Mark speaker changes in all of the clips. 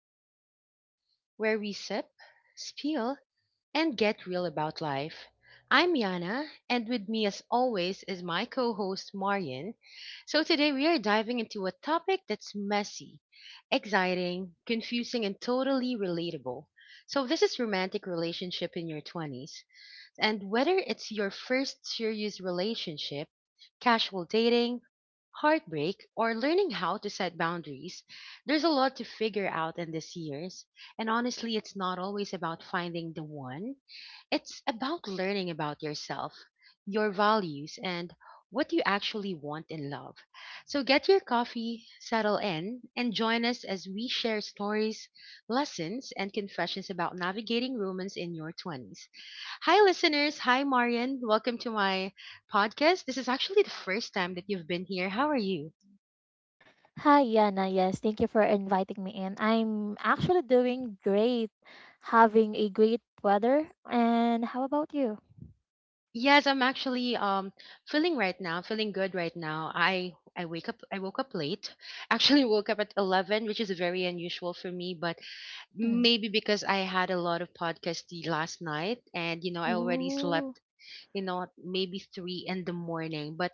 Speaker 1: Confessions, where we sip, spill, and get real about life. I'm Yana, and with me, as always, is my co host, Marian. So today we are diving into a topic that's messy, exciting, confusing, and totally relatable. So, this is romantic relationship in your 20s. And whether it's your first serious relationship, casual dating, heartbreak, or learning how to set boundaries, there's a lot to figure out in these years. And honestly, it's not always about finding the one, it's about learning about yourself, your values, and what you actually want in love. So get your coffee, settle in, and join us as we share stories, lessons, and confessions about navigating romance in your 20s. Hi, listeners. Hi, Marian. Welcome to my podcast. This is actually the first time that you've been here. How are you?
Speaker 2: Hi, Yana. Yes, thank you for inviting me in. I'm actually doing great, having a great weather. And how about you?
Speaker 1: Yes, I'm actually feeling right now, feeling good right now. I woke up late. Actually woke up at 11, which is very unusual for me, but
Speaker 2: Mhm.
Speaker 1: maybe because I had a lot of podcasts the last night, and I already
Speaker 2: Ooh.
Speaker 1: slept, you know, maybe 3 in the morning. But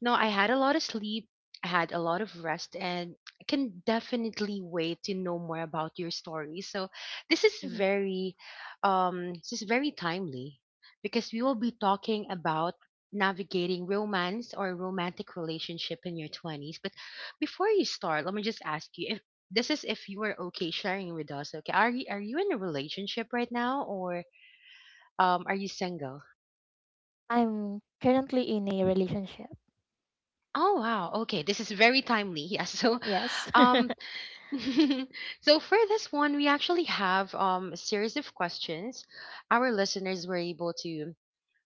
Speaker 1: no, I had a lot of sleep, I had a lot of rest, and I can definitely wait to know more about your story. So this is
Speaker 2: Mhm.
Speaker 1: very timely, because we will be talking about navigating romance or romantic relationship in your 20s. But before you start, let me just ask you if this is if you are okay sharing with us. Okay, are you in a relationship right now, or are you single?
Speaker 2: I'm currently in a relationship.
Speaker 1: Oh wow, okay, this is very timely. Yeah, so
Speaker 2: Yes.
Speaker 1: um so for this one, we actually have a series of questions. Our listeners were able to,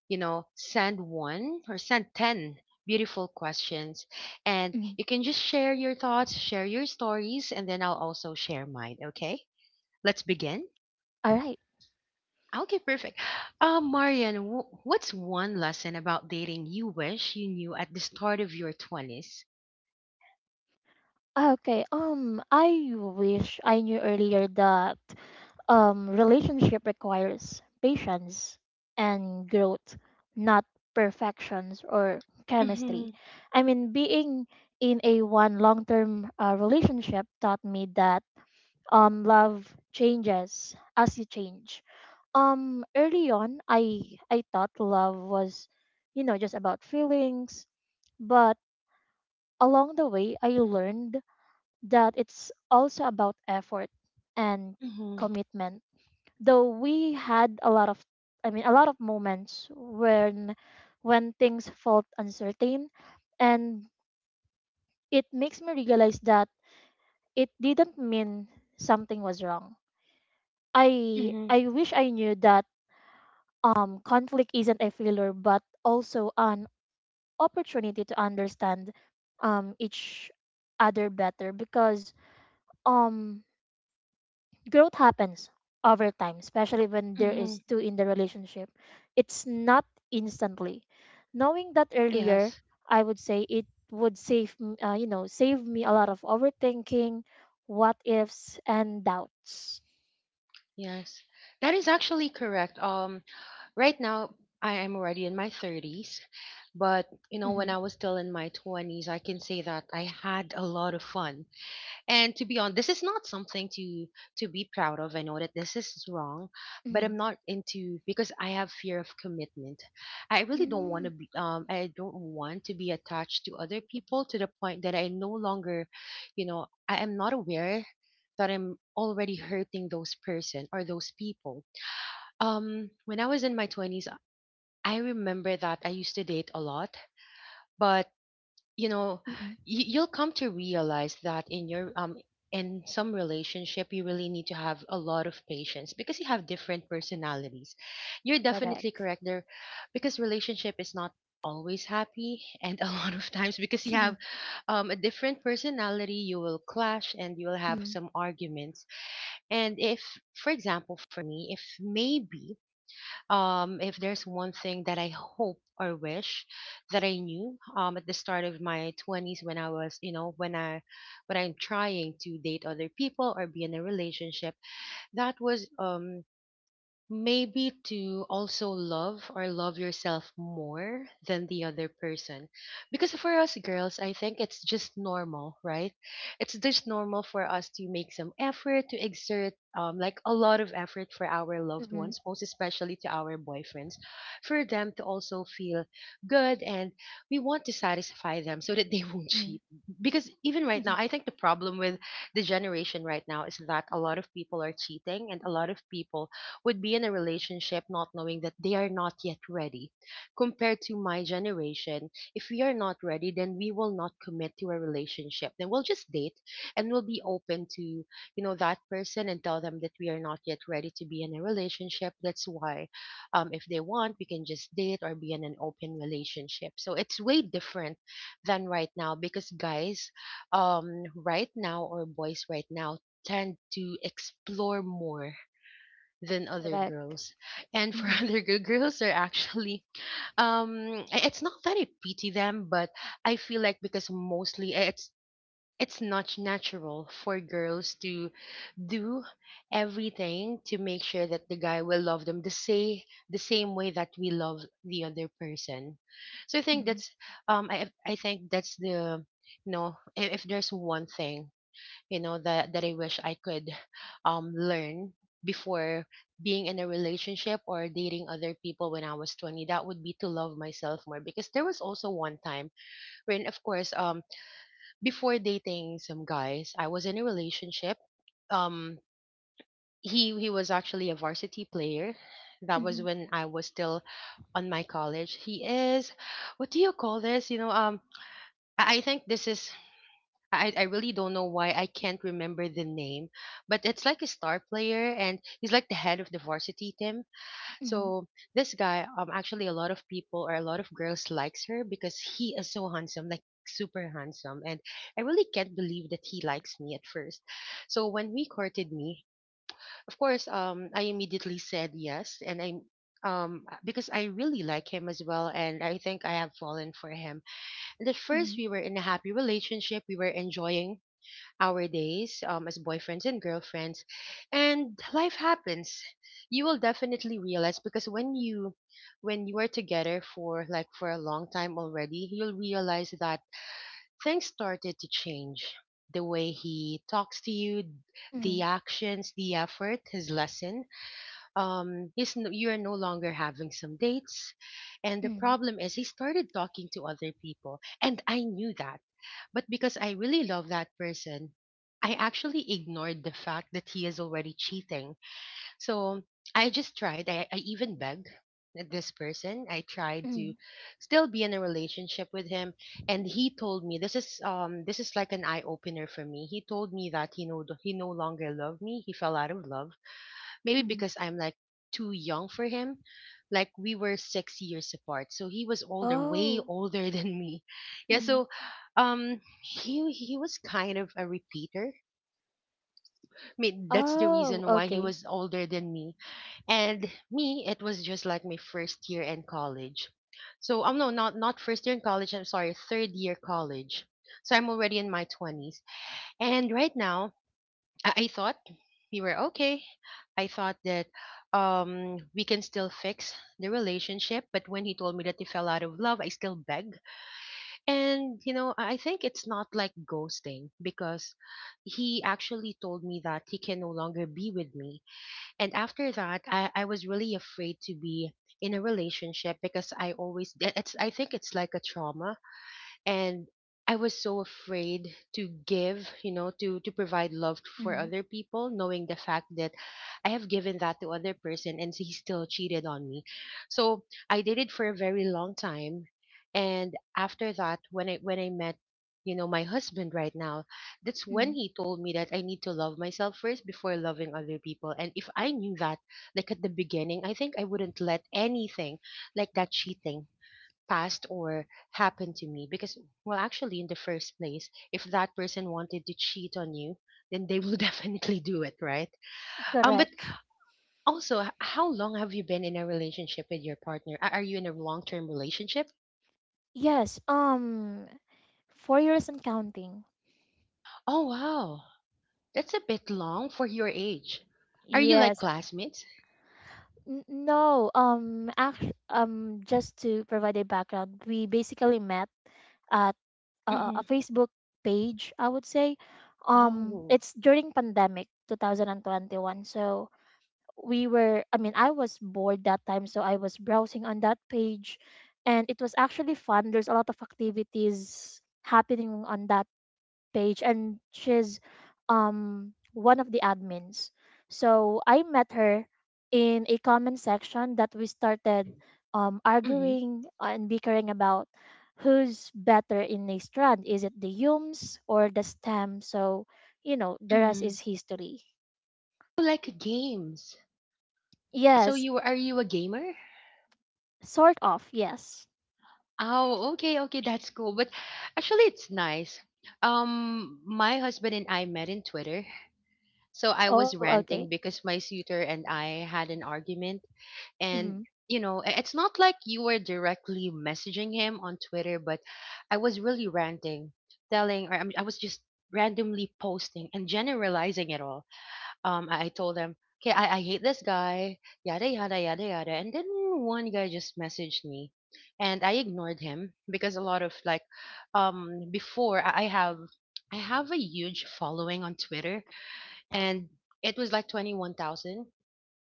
Speaker 1: you know, send one or send 10 beautiful questions. And
Speaker 2: Mhm.
Speaker 1: you can just share your thoughts, share your stories, and then I'll also share mine, okay? Let's begin.
Speaker 2: All right.
Speaker 1: Okay, perfect. Marian, what's one lesson about dating you wish you knew at the start of your 20s?
Speaker 2: Okay. I wish I knew earlier that relationship requires patience and growth, not perfections or chemistry.
Speaker 1: Mm-hmm,
Speaker 2: I mean, being in a one long term relationship taught me that love changes as you change. Early on, I thought love was, you know, just about feelings, but along the way, I learned that it's also about effort and
Speaker 1: mm-hmm,
Speaker 2: commitment, though we had a lot of a lot of moments when things felt uncertain, and it makes me realize that it didn't mean something was wrong. i
Speaker 1: mm-hmm,
Speaker 2: i wish I knew that conflict isn't a failure but also an opportunity to understand each other better, because um growth happens over time, especially when there is
Speaker 1: mm-hmm.
Speaker 2: two in the relationship. It's not instantly. Knowing that earlier,
Speaker 1: Yes.
Speaker 2: I would say it would save, you know, save me a lot of overthinking, what ifs, and doubts.
Speaker 1: Yes, that is actually correct. Right now I am already in my 30s, but you know, when
Speaker 2: Mm-hmm.
Speaker 1: I was still in my 20s, I can say that I had a lot of fun. And to be honest, this is not something to be proud of. I know that this is wrong, but
Speaker 2: Mm-hmm.
Speaker 1: I'm not into because I have fear of commitment. I really don't want
Speaker 2: Mm-hmm.
Speaker 1: to be I don't want to be attached to other people to the point that I no longer, you know, I am not aware that I'm already hurting those person or those people. Um, when I was in my 20s, I remember that I used to date a lot, but you know
Speaker 2: Mm-hmm.
Speaker 1: you'll come to realize that in your in some relationship you really need to have a lot of patience, because you have different personalities. You're definitely
Speaker 2: Correct.
Speaker 1: correct there, because relationship is not always happy, and a lot of times because you have a different personality, you will clash and you will have
Speaker 2: Mm-hmm.
Speaker 1: some arguments. And if for example, for me, if maybe if there's one thing that I hope or wish that I knew, at the start of my 20s, when I was, you know, when I'm trying to date other people or be in a relationship, that was, maybe to also love or love yourself more than the other person. Because for us girls, I think it's just normal, right? It's just normal for us to make some effort, to exert like a lot of effort for our loved
Speaker 2: Mm-hmm.
Speaker 1: ones, most especially to our boyfriends, for them to also feel good. And we want to satisfy them so that they won't
Speaker 2: Mm-hmm.
Speaker 1: cheat, because even right
Speaker 2: mm-hmm.
Speaker 1: now I think the problem with the generation right now is that a lot of people are cheating, and a lot of people would be in a relationship not knowing that they are not yet ready. Compared to my generation, if we are not ready, then we will not commit to a relationship. Then we'll just date, and we'll be open to, you know, that person, and tell them that we are not yet ready to be in a relationship. That's why, if they want, we can just date or be in an open relationship. So it's way different than right now, because guys, right now, or boys right now, tend to explore more than other
Speaker 2: Correct.
Speaker 1: girls. And for
Speaker 2: Mm-hmm.
Speaker 1: other girls are actually it's not that I pity them, but I feel like, because mostly it's not natural for girls to do everything to make sure that the guy will love them the same, way that we love the other person. So
Speaker 2: Mm-hmm.
Speaker 1: I think that's the, you know, if there's one thing, you know, that I wish I could learn before being in a relationship or dating other people when I was 20, that would be to love myself more. Because there was also one time when, of course, before dating some guys, I was in a relationship. um he was actually a varsity player. That was
Speaker 2: Mm-hmm.
Speaker 1: when I was still on my college. He is, what do you call this, you know, I think this is, I really don't know why I can't remember the name, but it's like a star player, and he's like the head of the varsity team.
Speaker 2: Mm-hmm.
Speaker 1: So this guy, actually a lot of people or a lot of girls likes her, because he is so handsome, like super handsome, and I really can't believe that he likes me at first. So when he courted me, of course, I immediately said yes, and I. Because I really like him as well, and I think I have fallen for him. And at first,
Speaker 2: Mm-hmm.
Speaker 1: we were in a happy relationship. We were enjoying our days as boyfriends and girlfriends. And life happens. You will definitely realize, because when you are together for like for a long time already, you'll realize that things started to change. The way he talks to you,
Speaker 2: Mm-hmm.
Speaker 1: the actions, the effort has lessened. He's no, you are no longer having some dates, and the
Speaker 2: Mm-hmm.
Speaker 1: problem is he started talking to other people, and I knew that. But because I really love that person, I actually ignored the fact that he is already cheating. So I just tried. I even begged this person. I tried
Speaker 2: Mm-hmm.
Speaker 1: to still be in a relationship with him. And he told me this is, this is like an eye opener for me. He told me that he no longer loved me. He fell out of love. Maybe
Speaker 2: mm-hmm.
Speaker 1: because I'm like too young for him. Like we were 6 years apart, so he was older, way
Speaker 2: Oh.
Speaker 1: older than me. Yeah,
Speaker 2: Mm.
Speaker 1: so he was kind of a repeater. I mean, that's the
Speaker 2: Oh,
Speaker 1: reason why he
Speaker 2: okay.
Speaker 1: was older than me. And me, it was just like my first year in college. So no, not first year in college, I'm sorry, third year college. So I'm already in my twenties. And right now I thought we were okay. I thought that, we can still fix the relationship. But when he told me that he fell out of love, I still beg. And, you know, I think it's not like ghosting, because he actually told me that he can no longer be with me. And after that, I was really afraid to be in a relationship, because I always, it's, I think it's like a trauma. And I was so afraid to give, you know, to provide love for
Speaker 2: Hmm.
Speaker 1: other people, knowing the fact that I have given that to other person and he still cheated on me. So I did it for a very long time, and after that, when I met, you know, my husband right now, that's
Speaker 2: Hmm.
Speaker 1: when he told me that I need to love myself first before loving other people. And if I knew that, like at the beginning, I think I wouldn't let anything like that cheating past or happened to me. Because well actually, in the first place, if that person wanted to cheat on you, then they will definitely do it, right? Um, but
Speaker 2: Correct.
Speaker 1: also, how long have you been in a relationship with your partner? Are you in a long-term relationship?
Speaker 2: Yes. 4 years and counting.
Speaker 1: Oh wow, that's a bit long for your age. Are you like
Speaker 2: Yes.
Speaker 1: classmates?
Speaker 2: No. Just to provide a background, we basically met at a,
Speaker 1: Mm-hmm.
Speaker 2: a Facebook page.
Speaker 1: Oh.
Speaker 2: It's during pandemic 2021. So we were. I mean, I was bored that time, so I was browsing on that page, and it was actually fun. There's a lot of activities happening on that page, and she's one of the admins. So I met her in a comment section that we started
Speaker 1: Mm-hmm.
Speaker 2: arguing and bickering about who's better in a strand. Is it the yums or the stem? So, you know, the rest
Speaker 1: Mm-hmm.
Speaker 2: is history.
Speaker 1: Like games, so
Speaker 2: Yes,
Speaker 1: you a gamer?
Speaker 2: sort of, yes.
Speaker 1: Oh, okay, okay, that's cool. But actually, it's nice. My husband and I met in Twitter. So I was
Speaker 2: Oh, okay.
Speaker 1: ranting because my suitor and I had an argument. And,
Speaker 2: Mm-hmm.
Speaker 1: you know, i- it's not like you were directly messaging him on Twitter, but I was really ranting, telling, or I mean, I was just randomly posting and generalizing it all. I told them, okay, I hate this guy, yada, yada, yada, yada. And then one guy just messaged me and I ignored him because a lot of, like, before I have a huge following on Twitter, and it was like 21,000,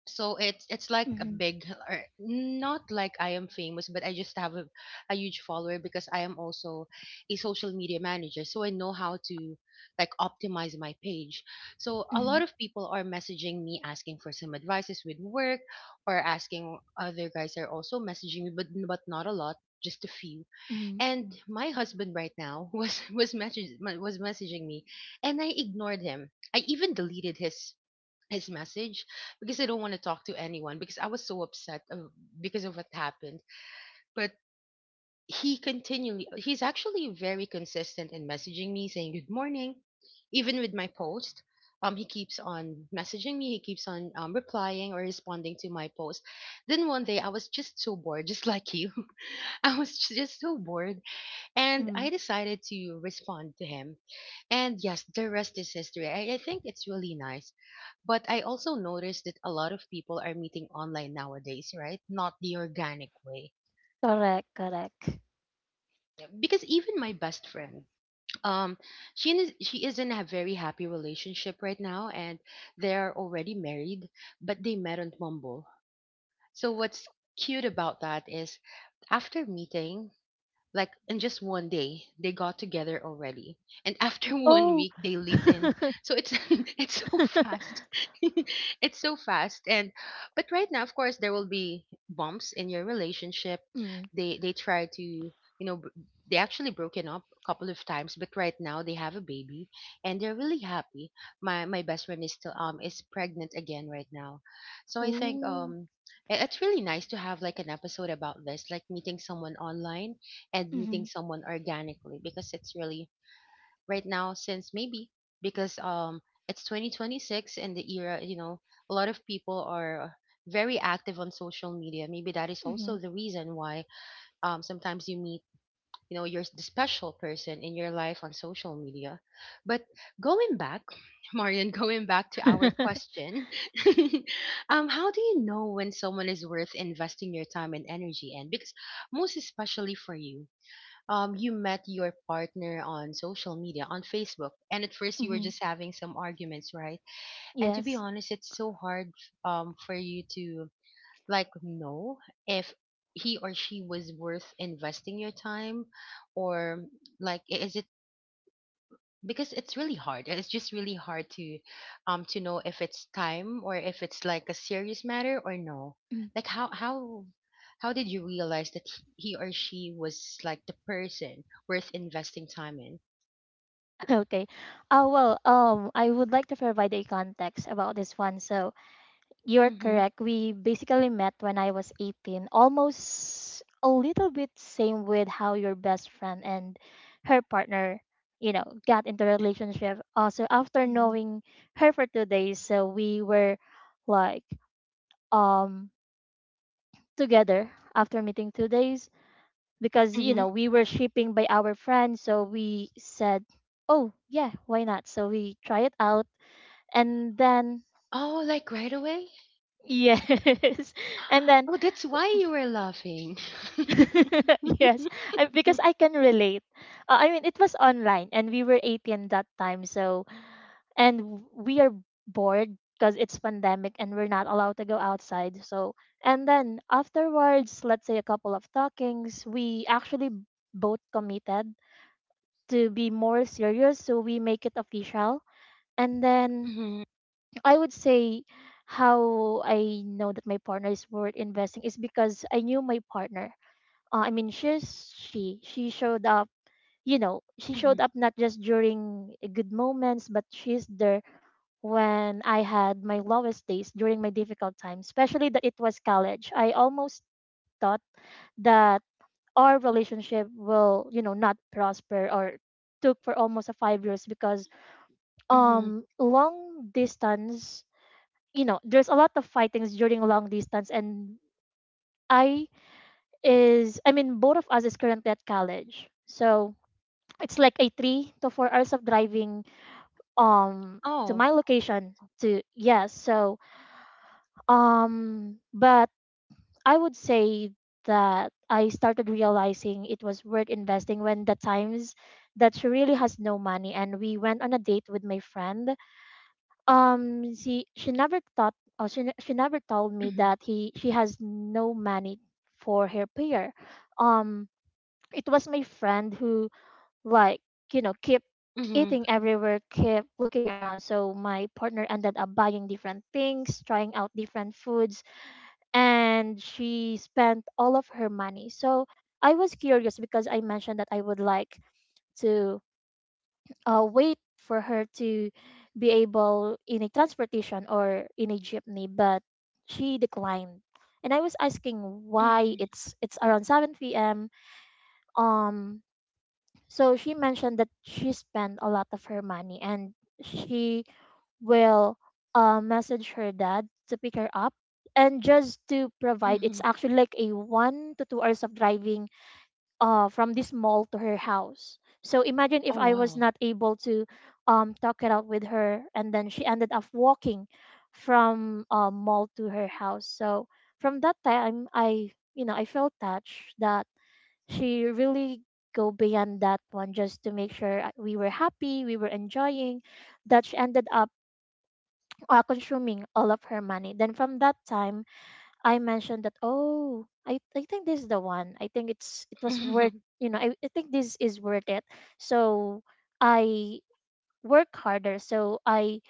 Speaker 1: so it's like a
Speaker 2: Mm-hmm.
Speaker 1: big, or not like I am famous, but I just have a, huge follower because I am also a social media manager. So I know how to, like, optimize my page. So a
Speaker 2: Mm-hmm.
Speaker 1: lot of people are messaging me asking for some advices with work, or asking, other guys are also messaging me, but not a lot, just a few.
Speaker 2: Mm-hmm.
Speaker 1: And my husband right now was messaging me, and I ignored him. I even deleted his message because I don't want to talk to anyone, because I was so upset of, because of what happened. But he continually, he's actually very consistent in messaging me, saying good morning, even with my post. He keeps on messaging me. He keeps on replying or responding to my post. Then one day I was just so bored, just like you. I was just so bored, and
Speaker 2: Mm-hmm.
Speaker 1: I decided to respond to him. And yes, the rest is history. I think it's really nice. But I also noticed that a lot of people are meeting online nowadays, right? Not the organic way.
Speaker 2: Correct, correct.
Speaker 1: Because even my best friend, um, she is in a very happy relationship right now, and they are already married, but they met on Mumble. So what's cute about that is, after meeting, like in just one day, they got together already, and after one
Speaker 2: Oh.
Speaker 1: week, they lived in. So it's it's so fast, it's so fast. And but right now, of course, there will be bumps in your relationship.
Speaker 2: Mm.
Speaker 1: They try to you know b- they actually broken up a couple of times, but right now they have a baby and they're really happy. My best friend is still is pregnant again right now, so I think
Speaker 2: Ooh.
Speaker 1: it's really nice to have, like, an episode about this, like meeting someone online and
Speaker 2: Mm-hmm.
Speaker 1: meeting someone organically, because it's really, right now, since maybe, because it's 2026 and the era, a lot of people are very active on social media. Maybe that is
Speaker 2: Mm-hmm.
Speaker 1: also the reason why sometimes you meet, your, the special person in your life, on social media. But going back Marian, going back to our question, how do you know when someone is worth investing your time and energy in? Because, most especially for you, you met your partner on social media, on Facebook, and at first you were
Speaker 2: Mm-hmm.
Speaker 1: just having some arguments, right? And to be
Speaker 2: Yes.
Speaker 1: honest, it's so hard, for you to, like, know if he or she was worth investing your time, or like, is it, because it's really hard, it's just really hard to know if it's time or if it's, like, a serious matter or no.
Speaker 2: Mm.
Speaker 1: Like, how did you realize that he or she was, like, the person worth investing time in?
Speaker 2: Okay. I would like to provide a context about this one. So you're
Speaker 1: Mm-hmm.
Speaker 2: correct. We basically met when I was 18, almost a little bit same with how your best friend and her partner, you know, got into a relationship. Also, after
Speaker 1: Hmm.
Speaker 2: knowing her for 2 days, so we were like um together after meeting 2 days, because you
Speaker 1: Mm-hmm.
Speaker 2: know we were shipping by our friend, so we said, oh yeah, why not, so we try it out. And then
Speaker 1: Oh, like right away.
Speaker 2: yes, and then
Speaker 1: Oh, that's why you were laughing.
Speaker 2: yes, because I can relate. I mean, it was online and we were 18 that time, so, and we are bored because it's pandemic and we're not allowed to go outside. So, and then afterwards, let's say a couple of talkings, we actually both committed to be more serious, so we make it official. And then
Speaker 1: Mm-hmm.
Speaker 2: I would say how I know that my partner is worth investing is because I knew my partner. I mean, she's she showed up, you know, she
Speaker 1: Mm-hmm.
Speaker 2: showed up not just during good moments, but she's there when I had my lowest days during my difficult times, especially that it was college. I almost thought that our relationship will, you know, not prosper or took for almost a 5 years because
Speaker 1: Mm-hmm.
Speaker 2: long distance, you know there's a lot of fightings during long distance. And i I mean both of us is currently at college, so it's like a 3 to 4 hours of driving um to
Speaker 1: Oh.
Speaker 2: my location to, yes. So but I would say that I started realizing it was worth investing when the times that she really has no money and we went on a date with my friend. She never thought, or she ne- she never told me
Speaker 1: Mm-hmm.
Speaker 2: that he she has no money for her prayer. Um, it was my friend who, like you know, kept
Speaker 1: Mm-hmm.
Speaker 2: eating everywhere, kept looking around. So my partner ended up buying different things, trying out different foods, and she spent all of her money. So I was curious because I mentioned that I would like to wait for her to be able in a transportation or in a jeepney, but she declined, and I was asking why.
Speaker 1: Mm-hmm.
Speaker 2: It's around 7 p.m., um so she mentioned that she spent a lot of her money and she will message her dad to pick her up. And just to provide, it's
Speaker 1: Mm-hmm.
Speaker 2: actually like a 1 to 2 hours of driving from this mall to her house. So imagine if
Speaker 1: Oh,
Speaker 2: I was
Speaker 1: wow.
Speaker 2: not able to, talk it out with her, and then she ended up walking from, mall to her house. So from that time, I you know, I felt touched that she really go beyond that one just to make sure we were happy, we were enjoying, that she ended up consuming all of her money. Then from that time, I mentioned that, oh, I think this is the one. I think it was worth,
Speaker 1: Mhm,
Speaker 2: you know, I think this is worth it. So I work harder. So I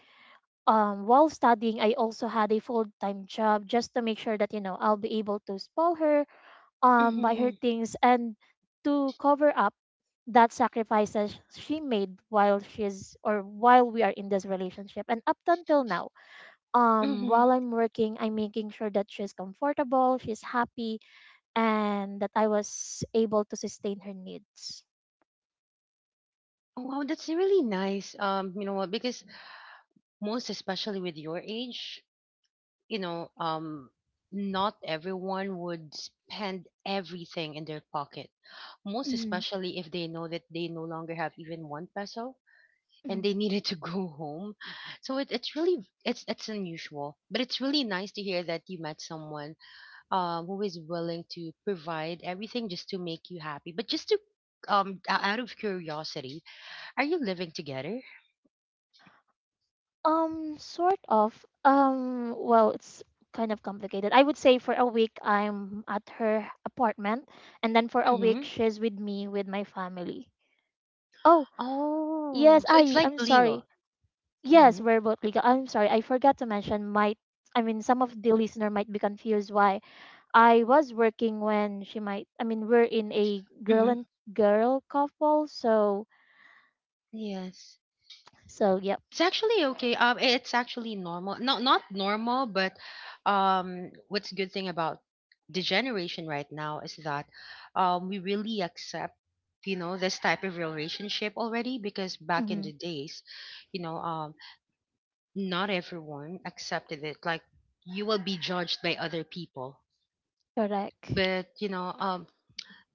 Speaker 2: while studying I also had a full time job just to make sure that, you know, I'll be able to spoil her, buy her
Speaker 1: mhm,
Speaker 2: things and to cover up that sacrifices she made while she's or while we are in this relationship. And up until now,
Speaker 1: mhm.
Speaker 2: while I'm working, I'm making sure that she's comfortable, she's happy, and that I was able to sustain her needs.
Speaker 1: Oh, wow, that's really nice. You know what? Because, most especially with your age, you know, um, not everyone would spend everything in their pocket. Most
Speaker 2: Mm-hmm.
Speaker 1: especially if they know that they no longer have even one peso and
Speaker 2: Mhm.
Speaker 1: they needed to go home. So it's unusual, but it's really nice to hear that you met someone who is willing to provide everything just to make you happy. But, just to out of curiosity, are you living together?
Speaker 2: Sort of. It's kind of complicated. I would say for a week I'm at her apartment, and then for a week
Speaker 1: Mm-hmm.
Speaker 2: she's with me with my family. Oh, yes,
Speaker 1: Oh, so it's like
Speaker 2: I'm sorry.
Speaker 1: legal.
Speaker 2: Yes,
Speaker 1: Mm-hmm.
Speaker 2: we're both legal. I'm sorry. I forgot to mention might, I mean some of the listener might be confused why I was working when she might. I mean, we're in a girl
Speaker 1: Mm-hmm.
Speaker 2: and girl couple, so,
Speaker 1: Yes.
Speaker 2: so yep.
Speaker 1: It's actually okay. It's actually normal. Not normal, but what's good thing about the generation right now is that we really accept, this type of relationship already, because back in
Speaker 2: Mm-hmm.
Speaker 1: the days, you know, um, not everyone accepted it. Like, you will be judged by other people,
Speaker 2: Correct.
Speaker 1: but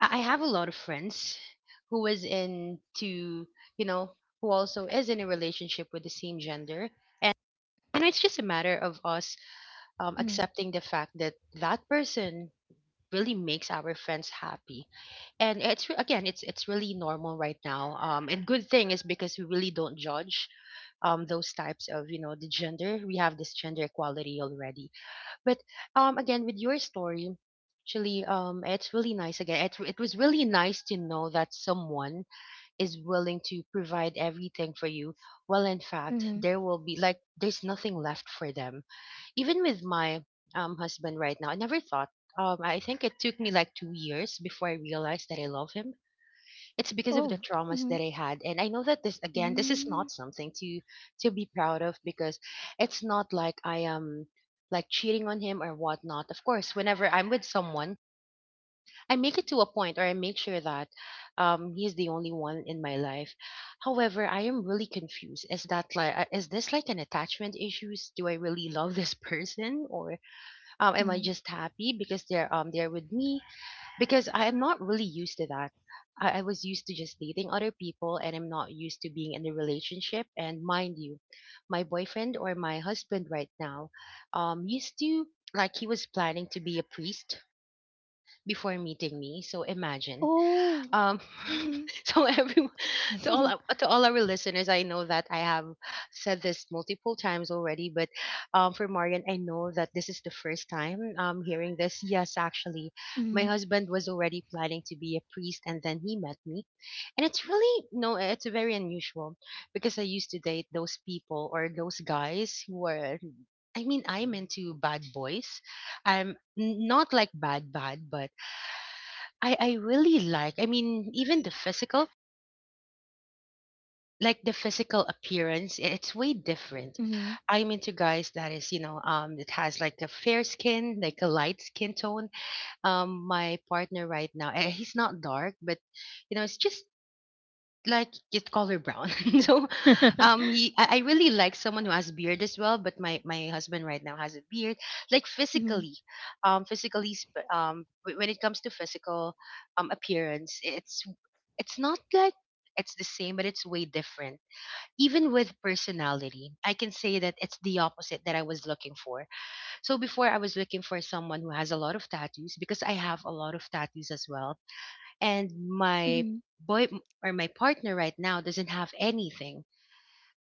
Speaker 1: I have a lot of friends who is into, you know, who also is in a relationship with the same gender. And, it's just a matter of us
Speaker 2: Mm-hmm.
Speaker 1: accepting the fact that that person really makes our friends happy. And it's, again, it's really normal right now. And good thing is because we really don't judge those types of, the gender. We have this gender equality already. But, again, with your story, actually, it's really nice. Again, it was really nice to know that someone is willing to provide everything for you. Well, in fact,
Speaker 2: Mm-hmm.
Speaker 1: there will be, like, there's nothing left for them. Even with my husband right now, I never thought. I think it took me like 2 years before I realized that I love him. It's because of the
Speaker 2: Oh.
Speaker 1: traumas
Speaker 2: Mm-hmm.
Speaker 1: that I had. And I know that this, again, this is
Speaker 2: Mm-hmm.
Speaker 1: not something to be proud of, because it's not like I am, like, cheating on him or whatnot. Of course, whenever I'm with someone, I make it to a point, or I make sure that he's the only one in my life. However, I am really confused. Is that like, is this like an attachment issues? Do I really love this person, or am I
Speaker 2: Mm-hmm.
Speaker 1: just happy because they're with me? Because I am not really used to that. I was used to just dating other people, and I'm not used to being in a relationship. And mind you, my boyfriend, or my husband right now, used to, like, he was planning to be a priest before meeting me. So imagine,
Speaker 2: Oh.
Speaker 1: um
Speaker 2: Mm-hmm.
Speaker 1: so everyone, to all our- to all our listeners, I know that I have said this multiple times already, but for Marian, I know that this is the first time hearing this. Yes, actually, my
Speaker 2: Mm-hmm.
Speaker 1: husband was already planning to be a priest, and then he met me. And it's really, no, it's very unusual, because I used to date those people, or those guys who are, I mean, I'm into bad boys. I'm not like bad bad, but I really like, I mean, even the physical, like the physical appearance, it's way different.
Speaker 2: Mm-hmm.
Speaker 1: I'm into guys that is, you know, that has like a fair skin, like a light skin tone. My partner right now, he's not dark, but you know, it's just like it's color brown. So he I really like someone who has beard as well, but my husband right now has a beard. Like
Speaker 2: Mm-hmm.
Speaker 1: physically, when it comes to physical appearance, it's not like it's the same, but it's way different. Even with personality, I can say that it's the opposite that I was looking for. So before, I was looking for someone who has a lot of tattoos because I have a lot of tattoos as well. And my
Speaker 2: Mm-hmm.
Speaker 1: boy, or my partner right now, doesn't have anything.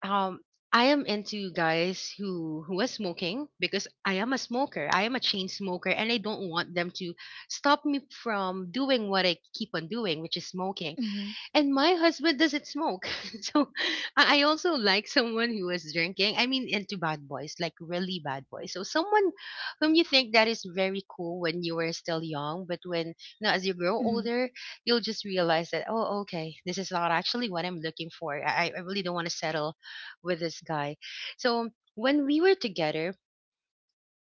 Speaker 1: Um, I am into guys who are smoking because I am a smoker. I am a chain smoker, and I don't want them to stop me from doing what I keep on doing, which is smoking.
Speaker 2: Mm-hmm.
Speaker 1: And my husband doesn't smoke. So I also like someone who was drinking. I mean, into bad boys, like really bad boys. So someone whom you think that is very cool when you were still young, but when now, as you grow
Speaker 2: Mm-hmm.
Speaker 1: older, you'll just realize that, oh, okay, this is not actually what I'm looking for. I really don't want to settle with this guy. So when we were together,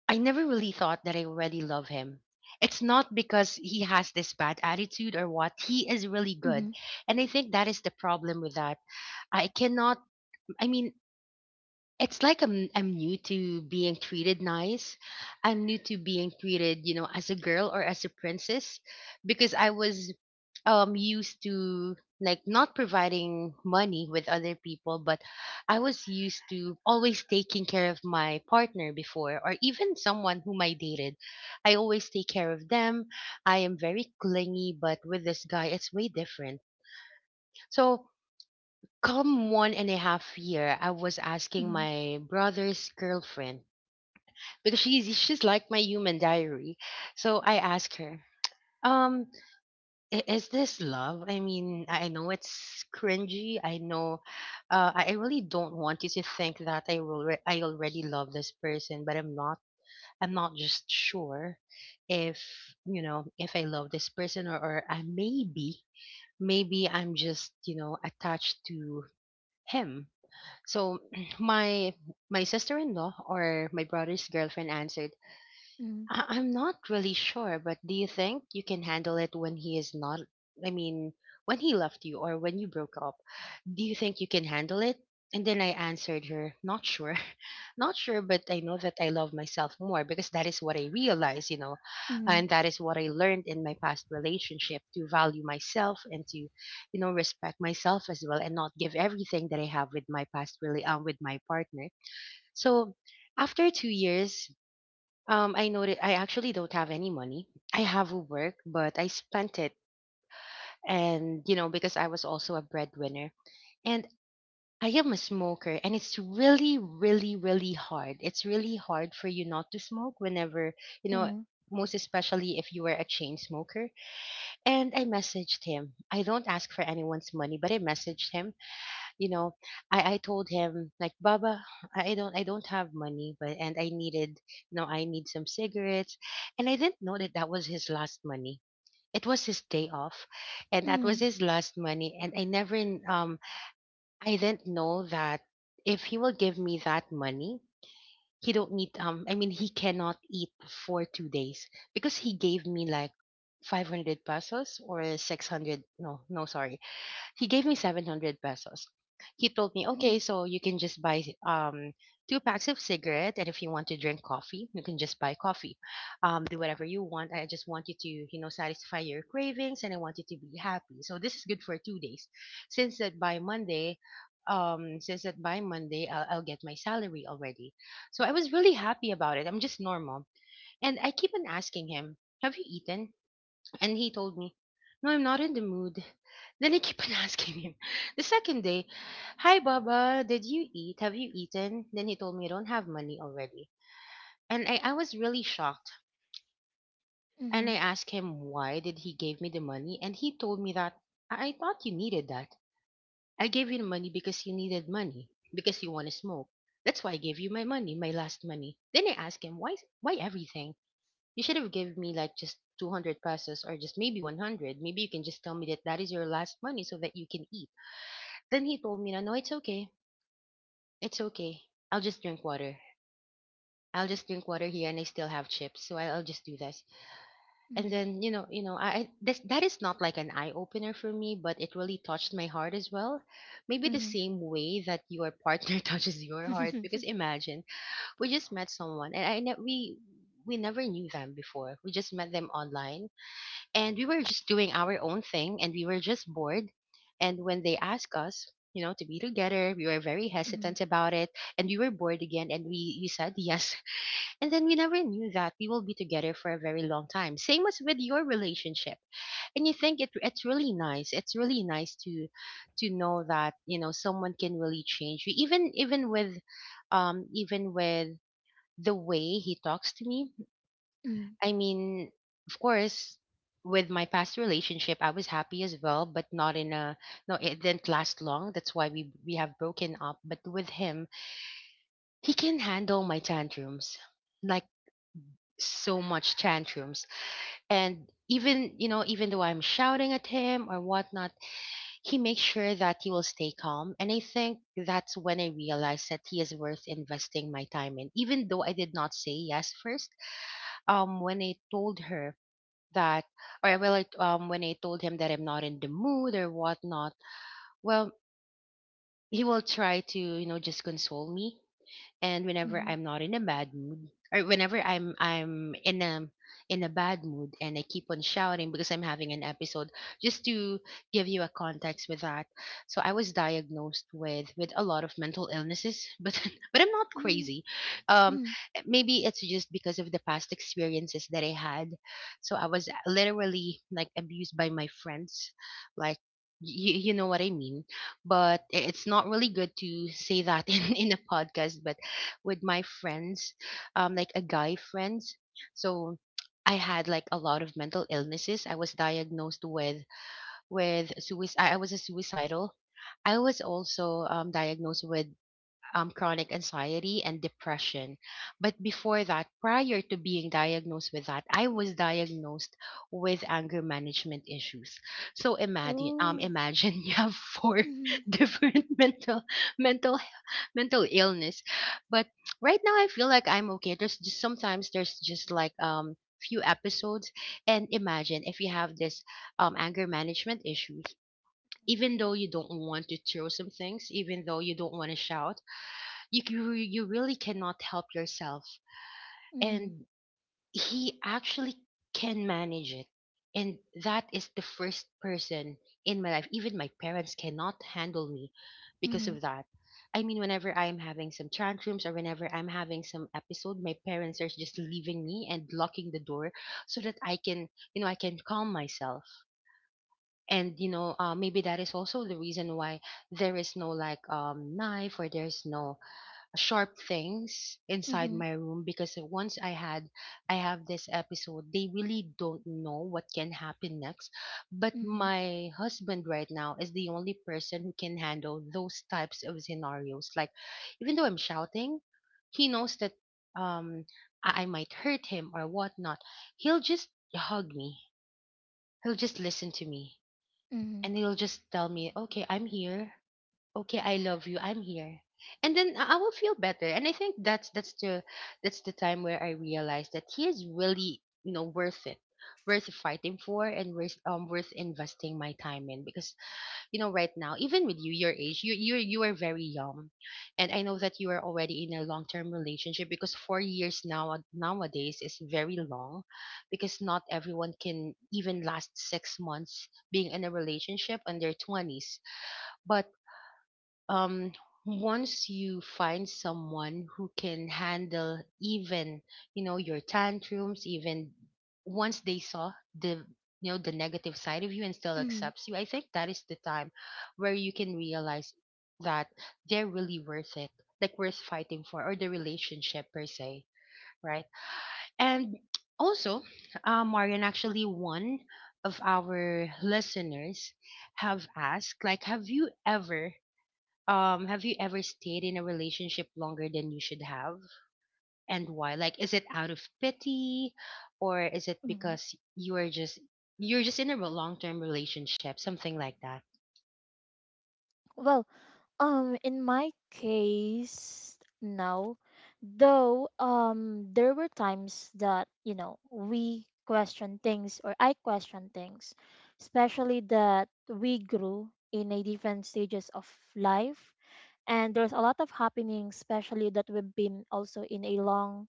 Speaker 1: I never really thought that I already love him. It's not because he has this bad attitude or what. He is really good.
Speaker 2: Mm-hmm.
Speaker 1: And I think that is the problem with that. I cannot, I mean, it's like I'm new to being treated nice. I'm new to being treated, you know, as a girl or as a princess because I was used to like not providing money with other people, but I was used to always taking care of my partner before or even someone whom I dated. I always take care of them. I am very clingy, but with this guy it's way different. So come one and a half year, I was asking
Speaker 2: Mm-hmm.
Speaker 1: my brother's girlfriend because she's like my human diary. So I asked her, um, "I- is this love? I mean, I know it's cringy. I know, I really don't want you to think that I already love this person, but I'm not. I'm not just sure if you know if I love this person or I maybe maybe I'm just you know attached to him. So my my sister-in-law or my brother's girlfriend answered, "I'm not really sure, but do you think you can handle it when he is not? I mean, when he left you or when you broke up? Do you think you can handle it?" And then I answered her, "Not sure. Not sure, but I know that I love myself more because that is what I realized, you know,
Speaker 2: Mm-hmm.
Speaker 1: and that is what I learned in my past relationship, to value myself and to, you know, respect myself as well and not give everything that I have with my past really with my partner." So after 2 years, I noted I actually don't have any money. I have work, but I spent it, and you know, because I was also a breadwinner. And I am a smoker, and it's really, really, really hard. It's really hard for you not to smoke whenever, you
Speaker 2: Mm-hmm. Mm-hmm.
Speaker 1: know,
Speaker 2: Mm-hmm.
Speaker 1: most especially if you were a chain smoker. And I messaged him. I don't ask for anyone's money, but I messaged him. You know, I told him, like, "Baba, I don't I don't have money, but, and I needed, you know, I need some cigarettes." And I didn't know that that was his last money. It was his day off, and that was his last money. And I never um I didn't know that if he will give me that money, he don't need I mean he cannot eat for 2 days, because he gave me like 500 pesos or 600, no, sorry, he gave me 700 pesos. He told me, "Okay, so you can just buy two packs of cigarette, and if you want to drink coffee, you can just buy coffee. Do whatever you want. I just want you to, you know, satisfy your cravings, and I want you to be happy. So this is good for 2 days. Since that by Monday, I'll get my salary already." So I was really happy about it. I'm just normal, and I keep on asking him, "Have you eaten?" And he told me, "No, I'm not in the mood." Then I keep on asking him. The second day, "Hi, Baba, did you eat? Have you eaten?" Then he told me, "I don't have money already." And I was really shocked. And
Speaker 2: Mm-hmm.
Speaker 1: I asked him, "Why did he give me the money?" And he told me that, I thought you needed that. I gave you the money because you needed money, because you want to smoke. That's why I gave you my money, my last money." Then I asked him, Why everything? You should have given me like just 200 pesos or just maybe 100. Maybe you can just tell me that that is your last money so that you can eat." Then he told me, "Na, no, it's okay. It's okay. I'll just drink water. I'll just drink water here and I still have chips. So I'll just do this." And then, you know, that is not like an eye opener for me, but it really touched my heart as well. Maybe the
Speaker 2: Mm-hmm.
Speaker 1: same way that your partner touches your heart. Because imagine, we just met someone and we never knew them before. We just met them online, and we were just doing our own thing, and we were just bored, and when they asked us, you know, to be together, we were very
Speaker 2: Mm-hmm.
Speaker 1: hesitant about it, and we were bored again, and we said yes and then we never knew that we will be together for a very long time, same as with your relationship. And you think it's really nice, it's really nice to know that, you know, someone can really change you, even even with the way he talks to me. I mean, of course, with my past relationship, I was happy as well, but not in a, no. It didn't last long. That's why we have broken up. But with him, he can handle my tantrums, like, so much tantrums, and even, you know, even though I'm shouting at him or whatnot, he makes sure that he will stay calm. And I think that's when I realized that he is worth investing my time in. Even though I did not say yes first, when I told her that, or I will like when I told him that I'm not in the mood or whatnot, well, he will try to, you know, just console me. And whenever I'm not in a bad mood, or whenever I'm in a bad mood and I keep on shouting because I'm having an episode. Just to give you a context with that, so I was diagnosed with a lot of mental illnesses but I'm not crazy. um
Speaker 2: Mm-hmm.
Speaker 1: maybe it's just because of the past experiences that I had. So I was literally like abused by my friends, like, you know what I mean, but it's not really good to say that in a podcast, but with my friends, like a guy friends. So I had like a lot of mental illnesses. I was diagnosed with suicide. I was a suicidal. I was also diagnosed with chronic anxiety and depression. But before that, prior to being diagnosed with that, I was diagnosed with anger management issues. So imagine,
Speaker 2: Oh.
Speaker 1: imagine you have four
Speaker 2: Mm-hmm.
Speaker 1: different mental mental mental illness. But right now I feel like I'm okay. There's just sometimes there's just like few episodes. And imagine if you have this anger management issues, even though you don't want to throw some things, even though you don't want to shout, you really cannot help yourself.
Speaker 2: Mm-hmm.
Speaker 1: And he actually can manage it, and that is the first person in my life. Even my parents cannot handle me because
Speaker 2: Mm-hmm.
Speaker 1: of that. I mean, whenever I am having some tantrums or whenever I'm having some episode, my parents are just leaving me and locking the door so that I can, you know, I can calm myself. And you know, maybe that is also the reason why there is no like knife or there's no sharp things inside
Speaker 2: Hmm.
Speaker 1: my room, because once I had, I have this episode, they really don't know what can happen next. But
Speaker 2: Mm-hmm.
Speaker 1: my husband right now is the only person who can handle those types of scenarios. Like, even though I'm shouting, he knows that um I might hurt him or whatnot. He'll just hug me. He'll just listen to me.
Speaker 2: Mm-hmm.
Speaker 1: And he'll just tell me, "Okay, I'm here, okay, I love you, I'm here." And then I will feel better. And I think that's that's the time where I realized that he is really, you know, worth it, worth fighting for, and worth worth investing my time in. Because, you know, right now, even with you, your age, you are very young, and I know that you are already in a long-term relationship, because 4 years now nowadays is very long, because not everyone can even last 6 months being in a relationship in their 20s. But um, once you find someone who can handle even, you know, your tantrums, even once they saw the, you know, the negative side of you and still
Speaker 2: Mm-hmm.
Speaker 1: accepts you, I think that is the time where you can realize that they're really worth it, like worth fighting for, or the relationship per se, right? And also, Marian, actually, one of our listeners, have asked, like, have you ever stayed in a relationship longer than you should have? And why? Like, is it out of pity, or is it
Speaker 2: Mm-hmm.
Speaker 1: because you are just you're just in a long-term relationship, something like that?
Speaker 2: Well, in my case now, there were times that, you know, we question things or I question things, especially that we grew in a different stages of life, and there's a lot of happening, especially that we've been also in a long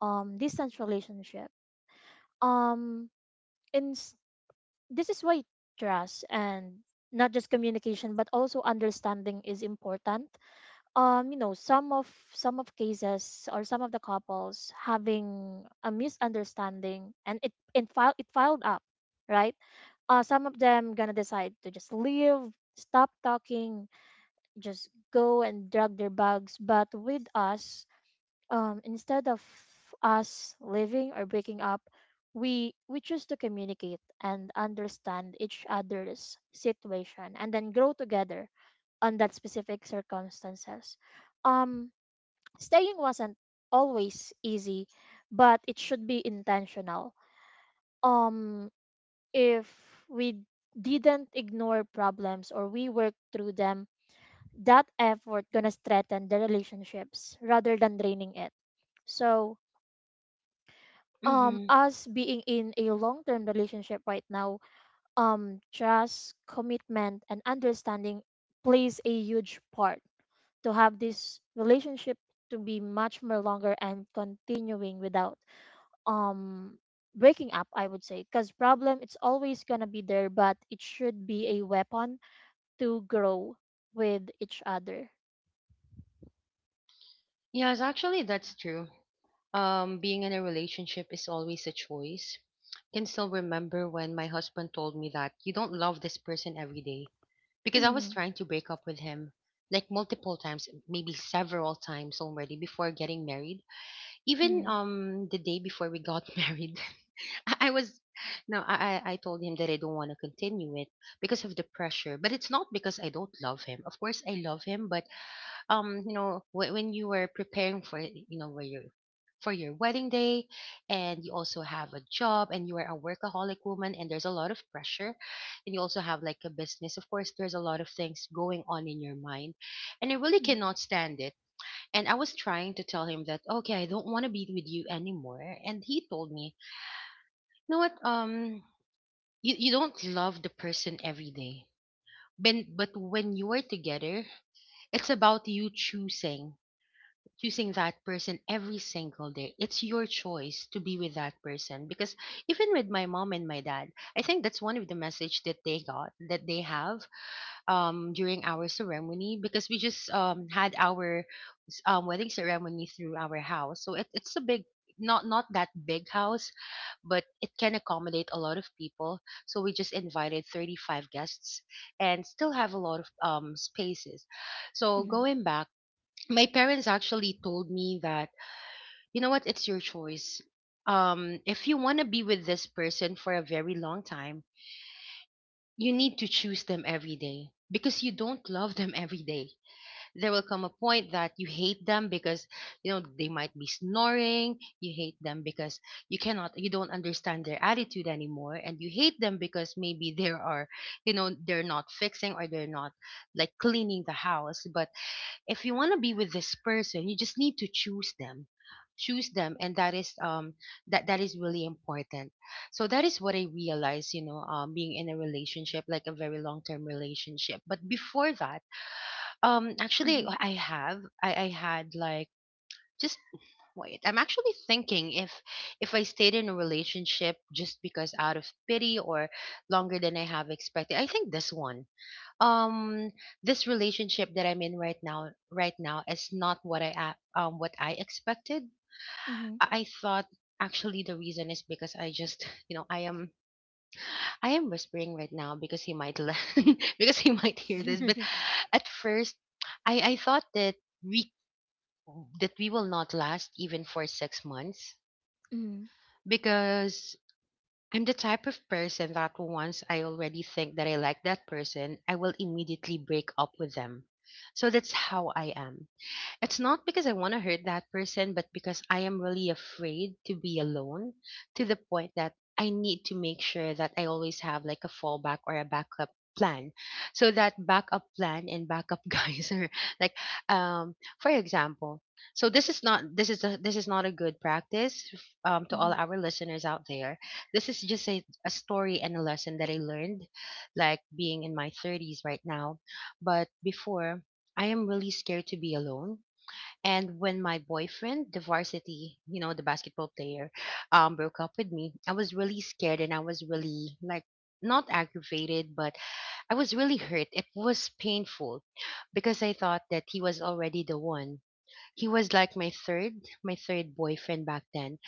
Speaker 2: distance relationship. Um, in This is why trust and not just communication but also understanding is important. You know, some of, cases or some of the couples having a misunderstanding, and it filed it filed up, right. Some of them gonna decide to just leave, stop talking, just go and drag their bags. But with us, instead of us living or breaking up, we choose to communicate and understand each other's situation and then grow together on that specific circumstances. Um, Staying wasn't always easy, but it should be intentional. Um, if we didn't ignore problems or we work through them, that effort gonna strengthen the relationships rather than draining it. So
Speaker 1: Mm-hmm.
Speaker 2: us being in a long term relationship right now, trust, commitment and understanding plays a huge part to have this relationship to be much more longer and continuing without um breaking up, I would say, because problem it's always gonna be there, but it should be a weapon to grow with each other.
Speaker 1: Yes, actually, that's true. Being in a relationship is always a choice. Can still remember when my husband told me that you don't love this person every day, because I was
Speaker 2: Mhm,
Speaker 1: trying to break up with him like multiple times, maybe several times already before getting married. Even
Speaker 2: mhm,
Speaker 1: the day before we got married, I was no, I told him that I don't want to continue it because of the pressure. But it's not because I don't love him. Of course, I love him, but when you were preparing for it, you know, where you for your wedding day, and you also have a job and you are a workaholic woman and there's a lot of pressure, and you also have like a business. Of course, there's a lot of things going on in your mind, and I really
Speaker 2: mhm,
Speaker 1: cannot stand it. And I was trying to tell him that, okay, I don't want to be with you anymore. And he told me, you know what? You don't love the person every day. But when you're together, it's about you choosing that person every single day. It's your choice to be with that person. Because even with my mom and my dad, I think that's one of the message that they got, that they have during our ceremony, because we just had our wedding ceremony through our house, so it's a big, not that big house, but it can accommodate a lot of people, so we just invited 35 guests and still have a lot of spaces. So going back, my parents actually told me that, you know what, it's your choice. If you want to be with this person for a very long time, you need to choose them every day, because you don't love them every day. There will come a point that you hate them because, you know, they might be snoring. You hate them because you cannot you don't understand their attitude anymore, and you hate them because maybe there are, you know, they're not fixing, or they're not like cleaning the house. But if you want to be with this person, you just need to choose them, choose them. And that is that is really important. So that is what I realized, you know, being in a relationship, like a very long term relationship. But before that, actually
Speaker 2: mhm,
Speaker 1: I have I had like just wait, I'm actually thinking if I stayed in a relationship just because out of pity or longer than I have expected. I think this one, um this relationship that I'm in right now is not what I what I expected.
Speaker 2: mhm, mhm,
Speaker 1: I thought, actually the reason is because I just you know, I am, I am whispering right now because he might because he might hear this. But at first, I thought we that we will not last even for 6 months,
Speaker 2: mhm,
Speaker 1: because I'm the type of person that once I already think that I like that person, I will immediately break up with them. So that's how I am. It's not because I want to hurt that person, but because I am really afraid to be alone, to the point that I need to make sure that I always have like a fallback or a backup plan. So that backup plan and backup guys are like, for example, so this is this is not a good practice, to all
Speaker 2: mhm,
Speaker 1: our listeners out there. This is just a story and a lesson that I learned like being in my 30s right now. But before, I am really scared to be alone. And when my boyfriend, the varsity, you know, the basketball player, broke up with me, I was really scared, and I was really like not aggravated, but I was really hurt. It was painful because I thought that he was already the one. He was like my my third boyfriend back then.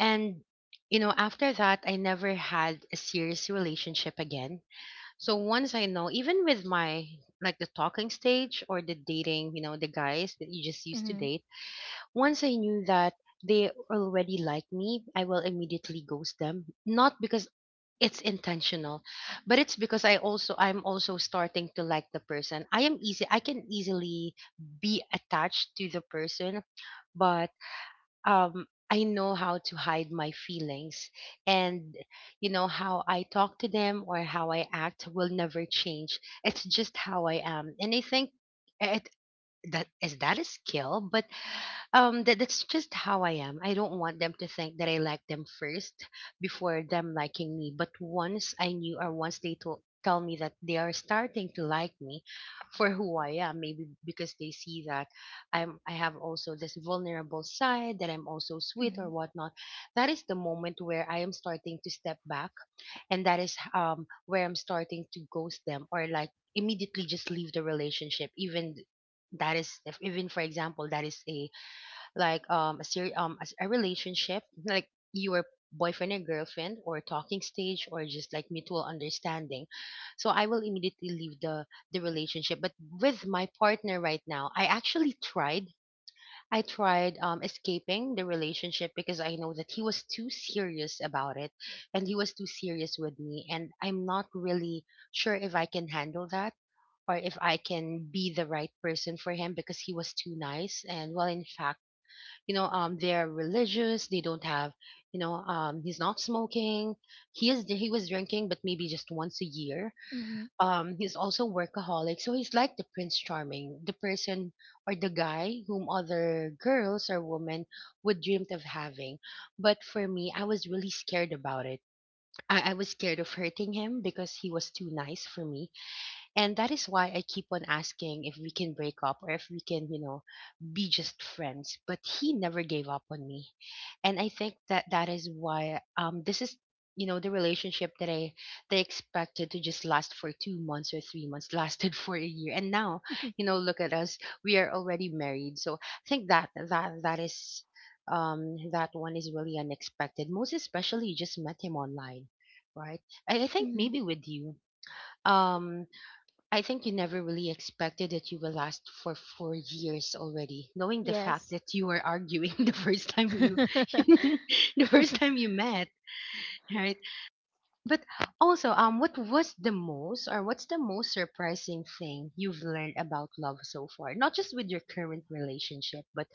Speaker 1: And you know, after that, I never had a serious relationship again. So once I know, even with my like the talking stage or the dating, you know, the guys that you just used to
Speaker 2: mhm,
Speaker 1: date, once I knew that they already like me, I will immediately ghost them. Not because it's intentional, but it's because I'm also starting to like the person. I am easy I can easily be attached to the person. But I know how to hide my feelings. And you know, how I talk to them or how I act will never change. It's just how I am. And I think it that a skill. But that's just how I am. I don't want them to think that I like them first before them liking me. But once I knew, or once they told tell me that they are starting to like me for who I am, maybe because they see that I have also this vulnerable side, that I'm also sweet or
Speaker 2: mhm,
Speaker 1: whatnot, that is the moment where I am starting to step back. And that is where I'm starting to ghost them, or like immediately just leave the relationship. Even that is, if even for example that is a like a relationship like your boyfriend and girlfriend, or talking stage, or just like mutual understanding, so I will immediately leave the relationship. But with my partner right now, I actually tried, I tried escaping the relationship, because I know that he was too serious about it, and he was too serious with me, and I'm not really sure if I can handle that, or if I can be the right person for him, because he was too nice. And well, in fact, you know, they're religious, they don't have, you know, he's not smoking, he was drinking but maybe just once a year.
Speaker 2: mhm.
Speaker 1: He's also workaholic, so he's like the prince charming, the person or the guy whom other girls or women would dreamt of having. But for me, I was really scared about it. I was scared of hurting him because he was too nice for me. And that is why I keep on asking if we can break up, or if we can, you know, be just friends. But he never gave up on me. And I think that that is why this is, you know, the relationship that I they expected to just last for 2 months or 3 months lasted for a year. And now, you know, look at us. We are already married. So I think that that is that one is really unexpected. Most especially, you just met him online, right? I think
Speaker 2: Mm,
Speaker 1: maybe with you. Um I think you never really expected that you will last for 4 years already, knowing the fact
Speaker 2: yes.
Speaker 1: that you were arguing the first time you, the first time you met, right? But also, what was the most, or what's the most surprising thing you've learned about love so far? Not just with your current relationship, but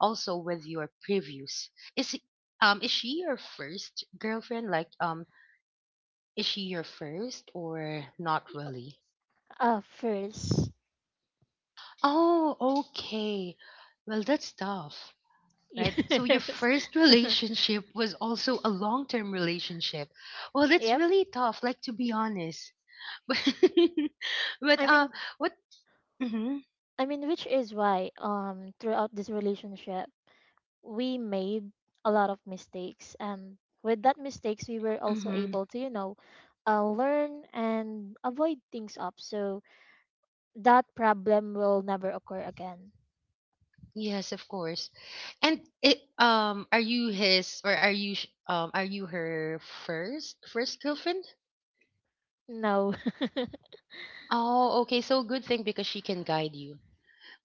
Speaker 1: also with your previous. Is is she your first girlfriend? Like, is she your first or not really?
Speaker 2: First.
Speaker 1: Oh, okay. Well, that's tough, right? So your
Speaker 2: Yes.
Speaker 1: first relationship was also a long-term relationship. Well, that's
Speaker 2: Yep.
Speaker 1: really tough, like to be honest. But but
Speaker 2: I
Speaker 1: uh
Speaker 2: mean,
Speaker 1: what, mhm.
Speaker 2: I mean, which is why throughout this relationship we made a lot of mistakes, and with that mistakes we were also
Speaker 1: Mhm,
Speaker 2: able to, you know, learn and avoid things up, so that problem will never occur again.
Speaker 1: yes, of course. And it, are you his, or are you are you her first girlfriend?
Speaker 2: No.
Speaker 1: Oh, okay. So good thing, because she can guide you.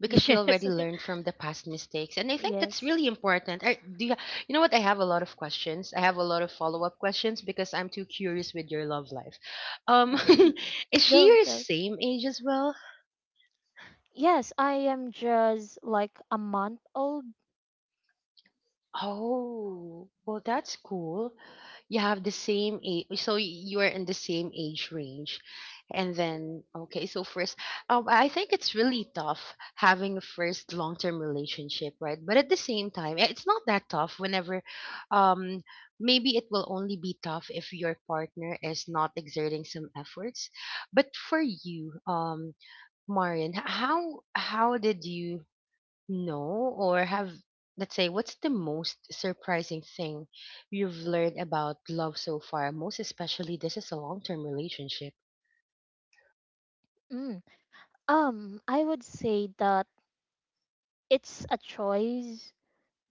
Speaker 1: Because she
Speaker 2: Yes.
Speaker 1: already learned from the past mistakes, and I think that's
Speaker 2: Yes.
Speaker 1: really important. Do you, you know what, I have a lot of questions, I have a lot of follow-up questions, because I'm too curious with your love life. um is she
Speaker 2: Go
Speaker 1: your
Speaker 2: go.
Speaker 1: same age as well?
Speaker 2: Yes, I am just like a month old.
Speaker 1: Oh, well, that's cool. You have the same age, so you are in the same age range. And then, okay, so first, I think it's really tough having a first long-term relationship, right? But at the same time, eh, it's not that tough whenever, um, maybe it will only be tough if your partner is not exerting some efforts. But for you, Marian, how did you, no, or have, let's say, what's the most surprising thing you've learned about love so far? Most especially, this is a long term relationship.
Speaker 2: Mm. I would say that it's a choice,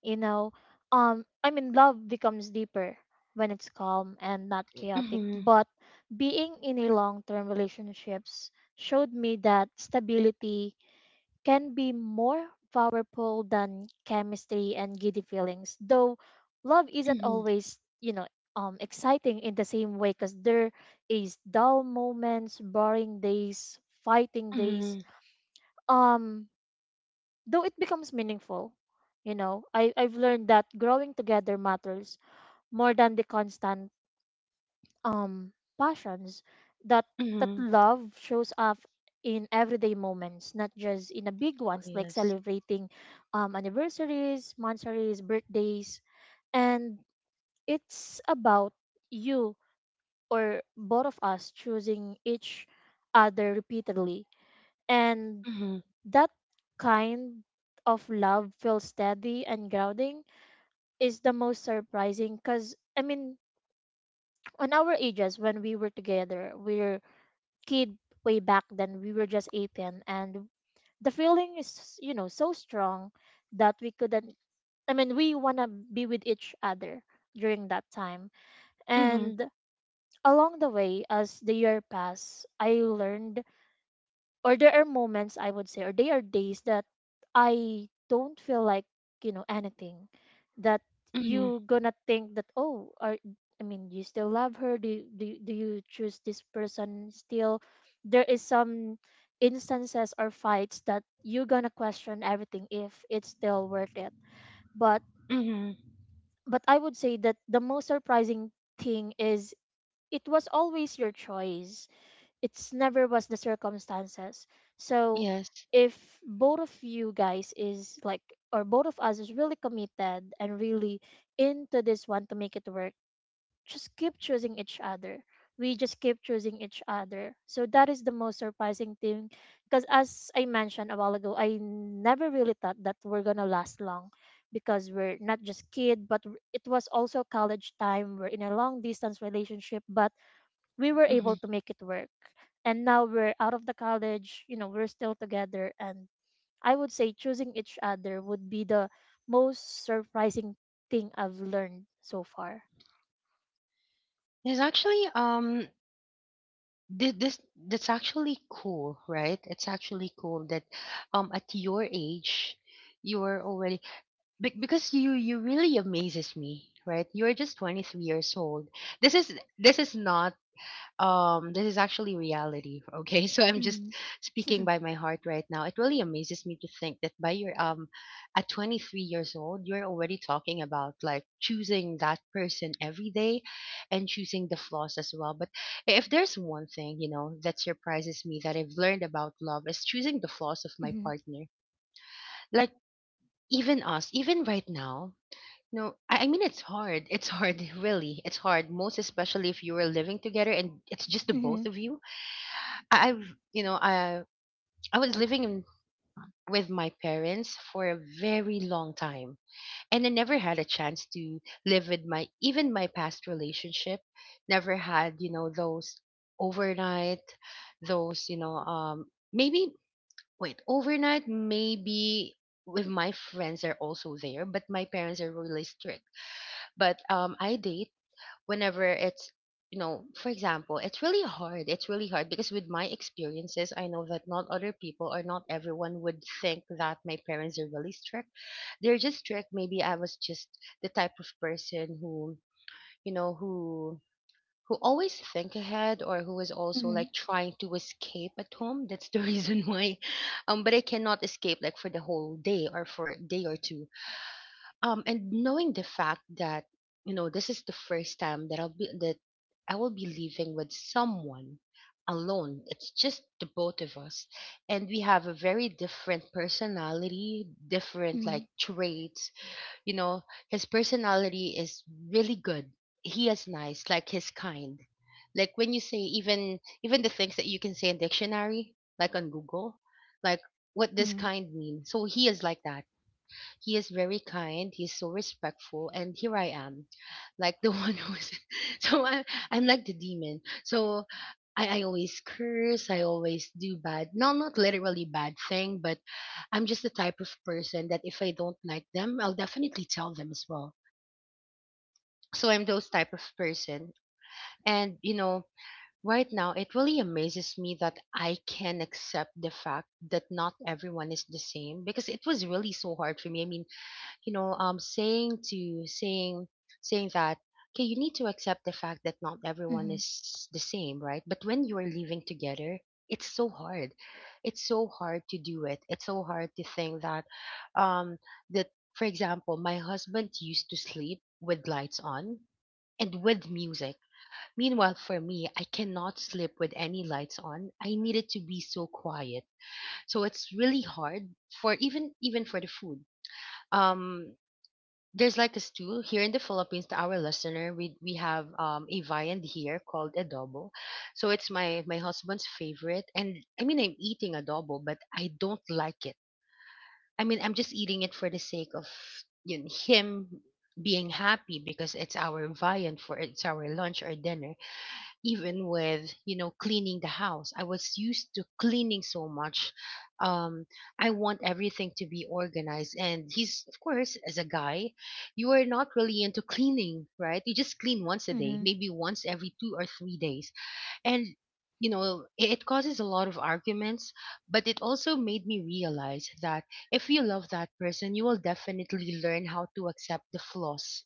Speaker 2: you know. I mean, love becomes deeper when it's calm and not chaotic.
Speaker 1: Mm-hmm.
Speaker 2: But being in a long term relationships showed me that stability can be more powerful than chemistry and giddy feelings. Though love isn't
Speaker 1: Mm-hmm.
Speaker 2: always, you know, exciting in the same way because there is dull moments, boring days, fighting
Speaker 1: Mm-hmm.
Speaker 2: days. Um, though it becomes meaningful. I've learned that growing together matters more than the constant um passions. That that
Speaker 1: Mm-hmm.
Speaker 2: love shows up in everyday moments, not just in the big
Speaker 1: Oh,
Speaker 2: ones like
Speaker 1: yes.
Speaker 2: celebrating anniversaries, monthsaries, birthdays, and it's about you or both of us choosing each other repeatedly. And
Speaker 1: Mm-hmm.
Speaker 2: that kind of love feels steady and grounding, is the most surprising because on our ages when we were together, we were kid. Way back then, we were just 18, and the feeling is, you know, so strong that we couldn't. We wanna be with each other during that time.
Speaker 1: Mm-hmm.
Speaker 2: And along the way, as the year passed, I learned, or there are moments I would say, or there are days that I don't feel like anything, that
Speaker 1: Mm-hmm.
Speaker 2: you gonna think that, oh, are you still love her? Do you choose this person still? There is some instances or fights that you gonna question everything if it's still worth it. But
Speaker 1: Mm-hmm.
Speaker 2: but I would say that the most surprising thing is it was always your choice. It's never was the circumstances. So
Speaker 1: Yes.
Speaker 2: if both of you guys is like, or both of us is really committed and really into this one to make it work, just keep choosing each other. We just keep choosing each other, so that is the most surprising thing. Because as I mentioned a while ago, I never really thought that we're gonna last long, because we're not just kid but it was also college time, we're in a long distance relationship, but we were
Speaker 1: Mm-hmm.
Speaker 2: able to make it work. And now we're out of the college, you know, we're still together. And I would say choosing each other would be the most surprising thing I've learned so far.
Speaker 1: There's actually, thi- this that's actually cool, right? It's actually cool that at your age you're already because you really amazes me, right? You're just 23 years old. This is this is not um this is actually reality, okay. So I'm just
Speaker 2: Mm.
Speaker 1: speaking by my heart right now. It really amazes me to think that by your at 23 years old, you're already talking about like choosing that person every day and choosing the flaws as well. But if there's one thing, you know, that surprises me that I've learned about love, is choosing the flaws of my
Speaker 2: Mm-hmm.
Speaker 1: partner. Like, even us, even right now. No, I mean, it's hard. It's hard, really. It's hard, most especially if you were living together and it's just the
Speaker 2: Mm-hmm.
Speaker 1: both of you. I, I've, I I was living with my parents for a very long time, and I never had a chance to live with my, even my past relationship. Never had, you know, those overnight, those, you know, maybe wait, overnight, maybe with my friends are also there, but my parents are really strict. But I date whenever it's, you know, for example, it's really hard. It's really hard because with my experiences, I know that not other people, or not everyone would think that my parents are really strict. They're just strict. Maybe I was just the type of person who, you know who who always think ahead, or who is also
Speaker 2: Mm-hmm.
Speaker 1: like trying to escape at home. That's the reason why. But I cannot escape like for the whole day or for a day or two. And knowing the fact that, you know, this is the first time that I will be living with someone alone, it's just the both of us, and we have a very different personality, different
Speaker 2: Mm-hmm.
Speaker 1: like traits, you know. His personality is really good. He is nice, like his kind. Like when you say, even the things that you can say in dictionary, like on Google, like what does
Speaker 2: Mm-hmm.
Speaker 1: kind mean, so he is like that. He is very kind. He's so respectful, and here I am, like the one who's. So I'm like the demon. So I always curse. I always do bad. No, not literally bad thing, but I'm just the type of person that if I don't like them, I'll definitely tell them as well. So I'm those type of person. And you know, right now it really amazes me that I can accept the fact that not everyone is the same, because it was really so hard for me. I mean, you know, saying to saying saying that okay, you need to accept the fact that not everyone
Speaker 2: Mm-hmm.
Speaker 1: is the same, right? But when you are living together, it's so hard. It's so hard to do it. It's so hard to think that, um that for example, my husband used to sleep with lights on and with music. Meanwhile, for me, I cannot sleep with any lights on. I need it to be so quiet. So it's really hard. For even for the food, um there's like a stew here in the Philippines, to our listener. We have a viand here called adobo. So it's my husband's favorite, and I mean, I'm eating adobo, but I don't like it. I mean, I'm just eating it for the sake of, you know, him being happy because it's our viand for, it's our lunch or dinner. Even with, you know, cleaning the house, I was used to cleaning so much. um I want everything to be organized, and he's, of course, as a guy, you are not really into cleaning, right? You just clean once a day,
Speaker 2: Mm-hmm.
Speaker 1: maybe once every 2 or 3 days. And you know, it causes a lot of arguments, but it also made me realize that if you love that person, you will definitely learn how to accept the flaws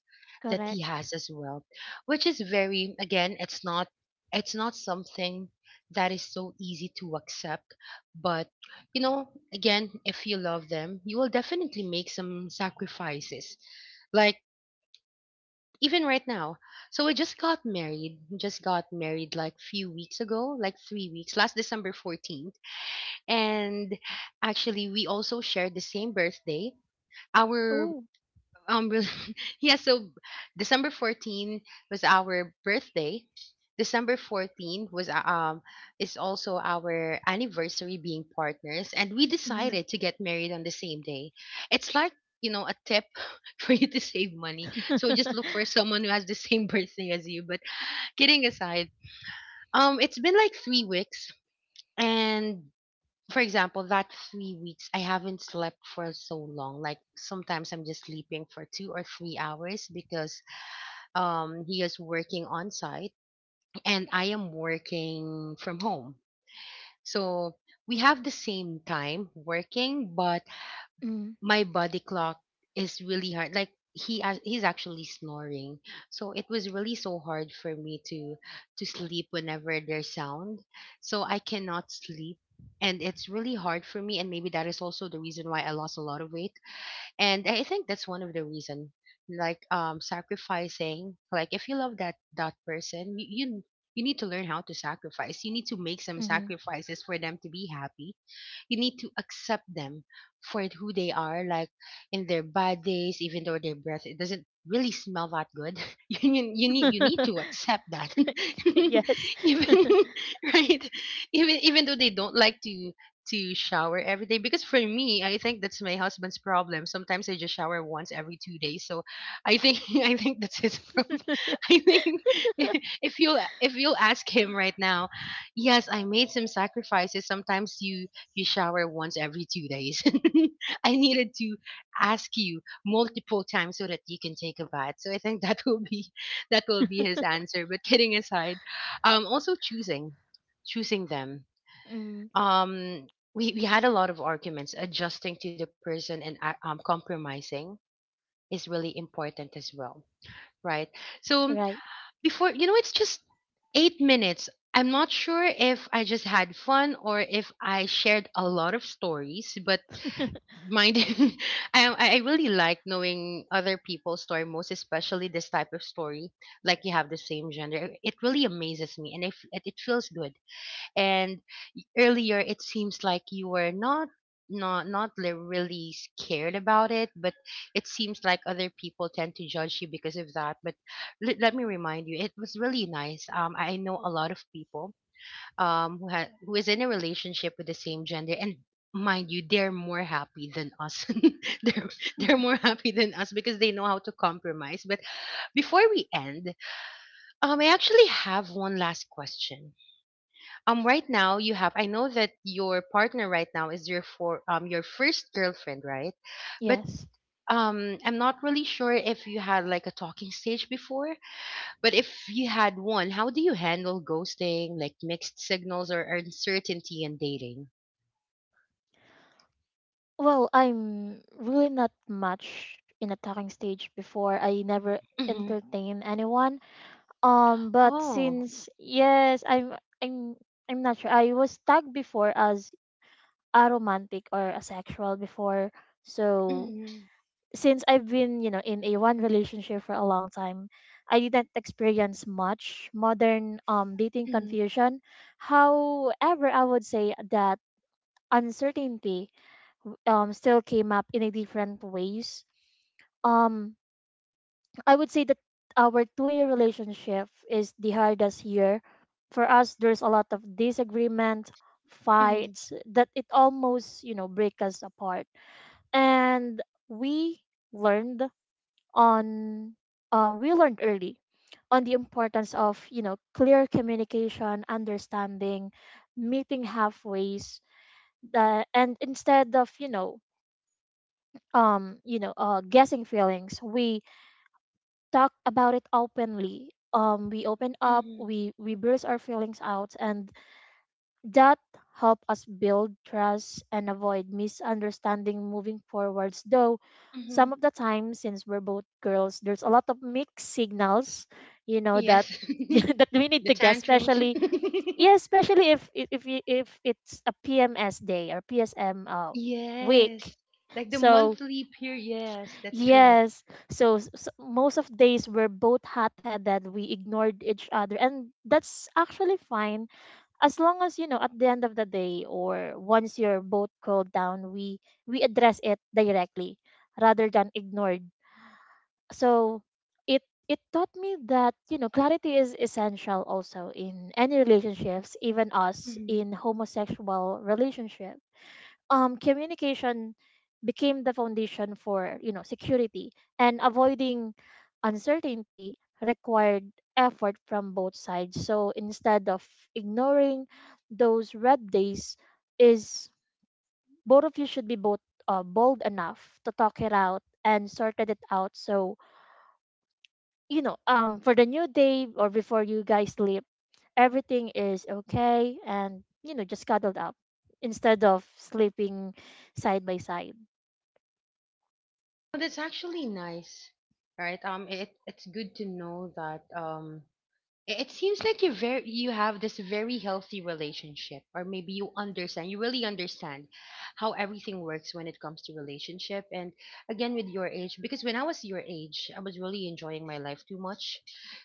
Speaker 1: that he
Speaker 2: Correct.
Speaker 1: has as well. Which is very, again, it's not, it's not something that is so easy to accept. But you know, again, if you love them, you will definitely make some sacrifices. Like even right now. So we just got married. Just got married like few weeks ago, like 3 weeks, last December 14th. And actually, we also shared the same birthday. Our
Speaker 2: Oh.
Speaker 1: really yeah, so December 14 was our birthday. December 14 was is also our anniversary being partners, and we
Speaker 2: Mm-hmm.
Speaker 1: decided to get married on the same day. It's like, you know, a tip for you to save money. So just look for someone who has the same birthday as you. But kidding aside, it's been like 3 weeks, and for example, that 3 weeks, I haven't slept for so long. Like sometimes I'm just sleeping for 2 or 3 hours because he is working on site, and I am working from home. So we have the same time working, but
Speaker 2: Mm-hmm.
Speaker 1: my body clock is really hard. Like he's actually snoring, so it was really so hard for me to sleep whenever there's sound. So I cannot sleep, and it's really hard for me, and maybe that is also the reason why I lost a lot of weight. And I think that's one of the reason, like, sacrificing, like if you love that person, you need to learn how to sacrifice. You need to make some
Speaker 2: Mm-hmm.
Speaker 1: sacrifices for them to be happy. You need to accept them for who they are, like in their bad days, even though their breath, it doesn't really smell that good. You need to accept that. Even right. Even though they don't like to shower every day, because for me, I think that's my husband's problem. Sometimes I just shower once every 2 days. So I think I think that's his problem. I think if you if you'll ask him right now, yes, I made some sacrifices. Sometimes you you shower once every 2 days. I needed to ask you multiple times so that you can take a bath. So I think that will be, that will be his answer. But kidding aside, also choosing choosing them.
Speaker 2: Mm-hmm.
Speaker 1: Um, we had a lot of arguments. Adjusting to the person, and compromising is really important as well, right? So
Speaker 2: Right.
Speaker 1: before you know it's just 8 minutes. I'm not sure if I just had fun or if I shared a lot of stories, but mind I, I really like knowing other people's story, most especially this type of story, like you have the same gender. It really amazes me, and if it feels good. And earlier, it seems like you were not really scared about it, but it seems like other people tend to judge you because of that. But let me remind you, it was really nice. I know a lot of people, who is in a relationship with the same gender, and mind you, they're more happy than us. they're they're more happy than us because they know how to compromise. But before we end, I actually have one last question. Right now you have. I know that your partner right now is your first girlfriend, right? But
Speaker 2: Yes.
Speaker 1: I'm not really sure if you had like a talking stage before. But if you had one, how do you handle ghosting, like mixed signals or uncertainty in dating?
Speaker 2: Well, I'm really not much in a talking stage before. I never
Speaker 1: Mm-hmm.
Speaker 2: entertain anyone. But
Speaker 1: Oh.
Speaker 2: since yes, I'm I'm not sure. I was tagged before as aromantic or asexual before. So
Speaker 1: Mm-hmm.
Speaker 2: since I've been, you know, in a one relationship for a long time, I didn't experience much modern dating
Speaker 1: Mm-hmm.
Speaker 2: confusion. However, I would say that uncertainty still came up in a different ways. Um I would say that our 2 year relationship is the hardest year. For us, there's a lot of disagreement,
Speaker 1: Mm-hmm.
Speaker 2: fights that it almost, you know, break us apart. And we learned on, we learned early on the importance of, you know, clear communication, understanding, meeting halfways, and instead of, guessing feelings, we talk about it openly. We open up,
Speaker 1: Mm-hmm.
Speaker 2: we burst our feelings out, and that help us build trust and avoid misunderstanding moving forwards. Though
Speaker 1: Mm-hmm.
Speaker 2: some of the time, since we're both girls, there's a lot of mixed signals, you know, that
Speaker 1: Yes.
Speaker 2: that we need
Speaker 1: The
Speaker 2: to guess,
Speaker 1: tantrums.
Speaker 2: especially yeah, especially if it's a PMS day or PSM week.
Speaker 1: Yes. Like the
Speaker 2: So
Speaker 1: monthly period. Yes, that's true.
Speaker 2: yes. So, most of days we're both hot-headed. We ignored each other, and that's actually fine, as long as, you know, at the end of the day or once you're both cooled down, we address it directly rather than ignored. So it it taught me that, you know, clarity is essential also in any relationships, even us
Speaker 1: Mm-hmm.
Speaker 2: in homosexual relationships. Communication became the foundation for, you know, security, and avoiding uncertainty required effort from both sides. So instead of ignoring those red days, is both of you should be both bold enough to talk it out and sorted it out. So, you know, for the new day or before you guys sleep, everything is okay and, you know, just cuddled up instead of sleeping side by side.
Speaker 1: Well, that's actually nice, right? It it's good to know that it seems like you very you have this very healthy relationship, or maybe you understand, you really understand how everything works when it comes to relationship. And again, with your age, because when I was your age, I was really enjoying my life too much,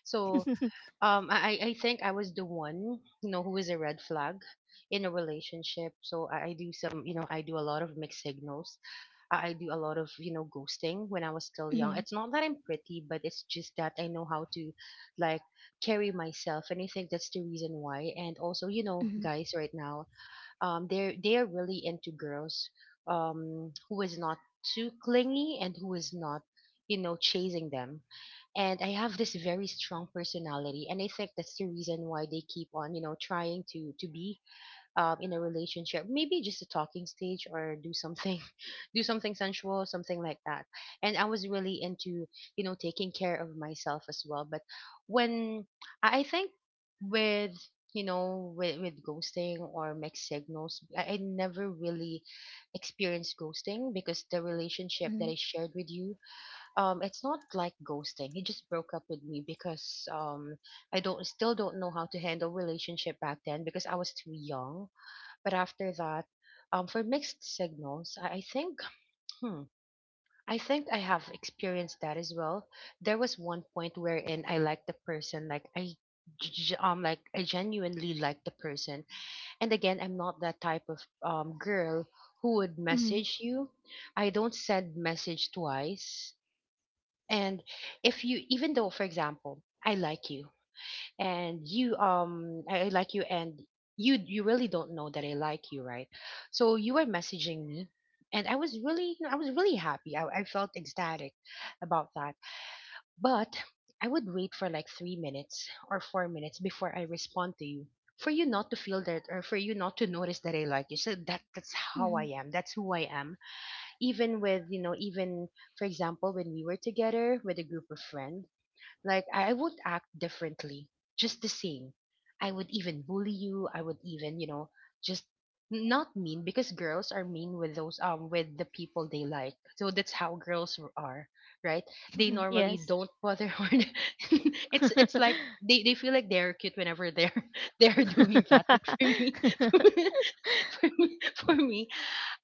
Speaker 1: so I think I was the one, you know, who is a red flag in a relationship. So I do some, you know, I do a lot of mixed signals. I do a lot of, you know, ghosting when I was still young.
Speaker 2: Mhm,
Speaker 1: It's not that I'm pretty, but it's just that I know how to like carry myself, and I think that's the reason why. And also, you know,
Speaker 2: mhm,
Speaker 1: guys right now, they are really into girls who is not too clingy and who is not, you know, chasing them. And I have this very strong personality, and I think that's the reason why they keep on, you know, trying to be in a relationship, maybe just a talking stage or do something do something sensual, something like that. And I was really into, you know, taking care of myself as well. But when I think with, you know, with ghosting or mixed signals, I never really experienced ghosting, because the relationship
Speaker 2: mhm,
Speaker 1: that I shared with you, it's not like ghosting. He just broke up with me because I don't still don't know how to handle relationship back then because I was too young. But after that, for mixed signals, I think, hmm, I think I have experienced that as well. There was one point wherein I liked the person, like like I genuinely liked the person. And again, I'm not that type of girl who would
Speaker 2: mhm,
Speaker 1: message you. I don't send message twice. And if you, even though, for example, I like you, and I like you, and you really don't know that I like you, right? So you were messaging me, and I was really happy. I felt ecstatic about that. But I would wait for like 3 minutes or 4 minutes before I respond to you, for you not to feel that or for you not to notice that I like you. So that's how I
Speaker 2: mhm,
Speaker 1: am. That's who I am. Even with, you know, even for example, when we were together with a group of friends, like I would act differently, just the same. I would even bully you. I would even, you know, just not mean, because girls are mean with those with the people they like. So that's how girls are, right? They
Speaker 2: mhm.
Speaker 1: normally
Speaker 2: Yes.
Speaker 1: don't bother hard. It's like they feel like they're cute whenever they're they're doing that. But for me, for me, for me,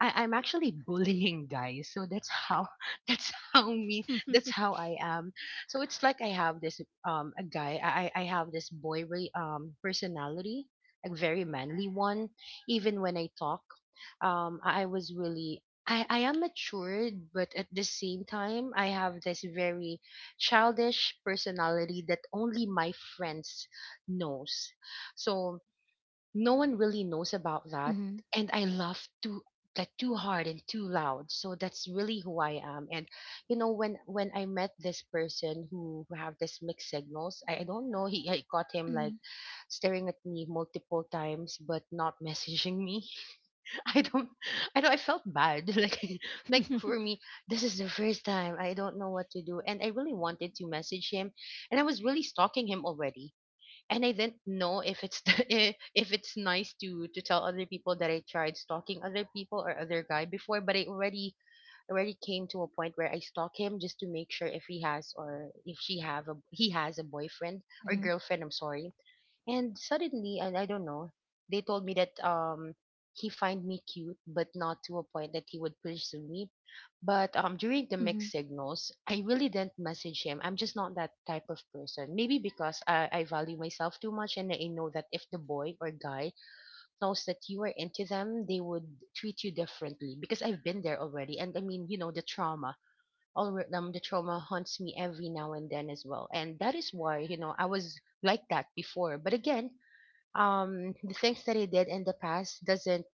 Speaker 1: I'm actually bullying guys. So that's how that's how me that's how I am. So it's like I have this a guy I have this boy personality, a very manly one. Even when I talk, I was really I am matured, but at the same time, I have this very childish personality that only my friends knows. So no one really knows about that.
Speaker 2: Mhm,
Speaker 1: And I laugh too, like too hard and too loud. So that's really who I am. And, you know, when I met this person who have this mixed signals, I don't know, he I caught him like
Speaker 2: mhm,
Speaker 1: staring at me multiple times but not messaging me. I don't I don't I felt bad like for me this is the first time I don't know what to do, and I really wanted to message him. And I was really stalking him already. And I didn't know if it's the, if it's nice to tell other people that I tried stalking other people or other guy before, but I already already came to a point where I stalk him just to make sure if he has, or if she have, a he has a boyfriend or
Speaker 2: mhm,
Speaker 1: girlfriend. I'm sorry. And suddenly, and I don't know, they told me that he find me cute, but not to a point that he would pursue me. But during the mixed
Speaker 2: mhm,
Speaker 1: signals, I really didn't message him. I'm just not that type of person. Maybe because I value myself too much, and I know that if the boy or guy knows that you are into them, they would treat you differently. Because I've been there already, and I mean, you know, the trauma. All The trauma haunts me every now and then as well, and that is why, you know, I was like that before. But again, the things that I did in the past doesn't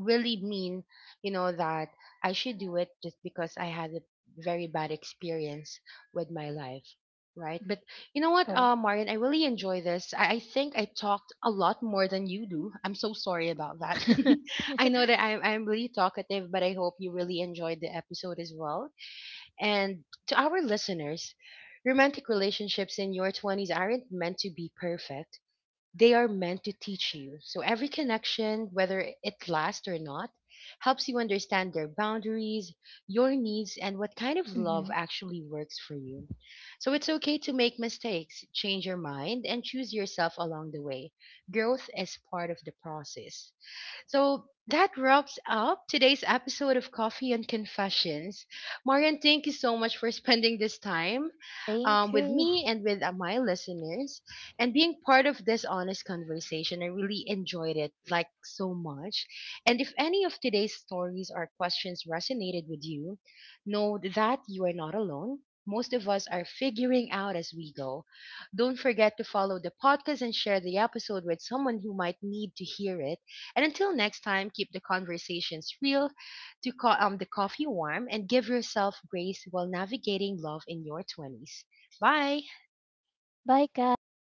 Speaker 1: really mean, you know, that I should do it just because I had a very bad experience with my life. Right. But
Speaker 2: mhm.
Speaker 1: you know what,
Speaker 2: Got it.
Speaker 1: Marian, I really enjoy this. I think I talked a lot more than you do. I'm so sorry about that. I know that I'm really talkative, but I hope you really enjoyed the episode as well. And to our listeners, romantic relationships in your 20s aren't meant to be perfect, they are meant to teach you. So every connection, whether it lasts or not, helps you understand their boundaries, your needs, and what kind of love
Speaker 2: Mhm.
Speaker 1: actually works for you. So it's okay to make mistakes, change your mind, and choose yourself along the way. Growth is part of the process. So that wraps up today's episode of Coffee and Confessions. Marian, thank you so much for spending this time
Speaker 2: Thank
Speaker 1: with
Speaker 2: you.
Speaker 1: me and with my listeners, and being part of this honest conversation. I really enjoyed it, like, so much. And if any of today's stories or questions resonated with you, know that you are not alone. Most of us are figuring out as we go. Don't forget to follow the podcast and share the episode with someone who might need to hear it. And until next time, keep the conversations real, the coffee warm, and give yourself grace while navigating love in your 20s. Bye.
Speaker 2: Bye, guys.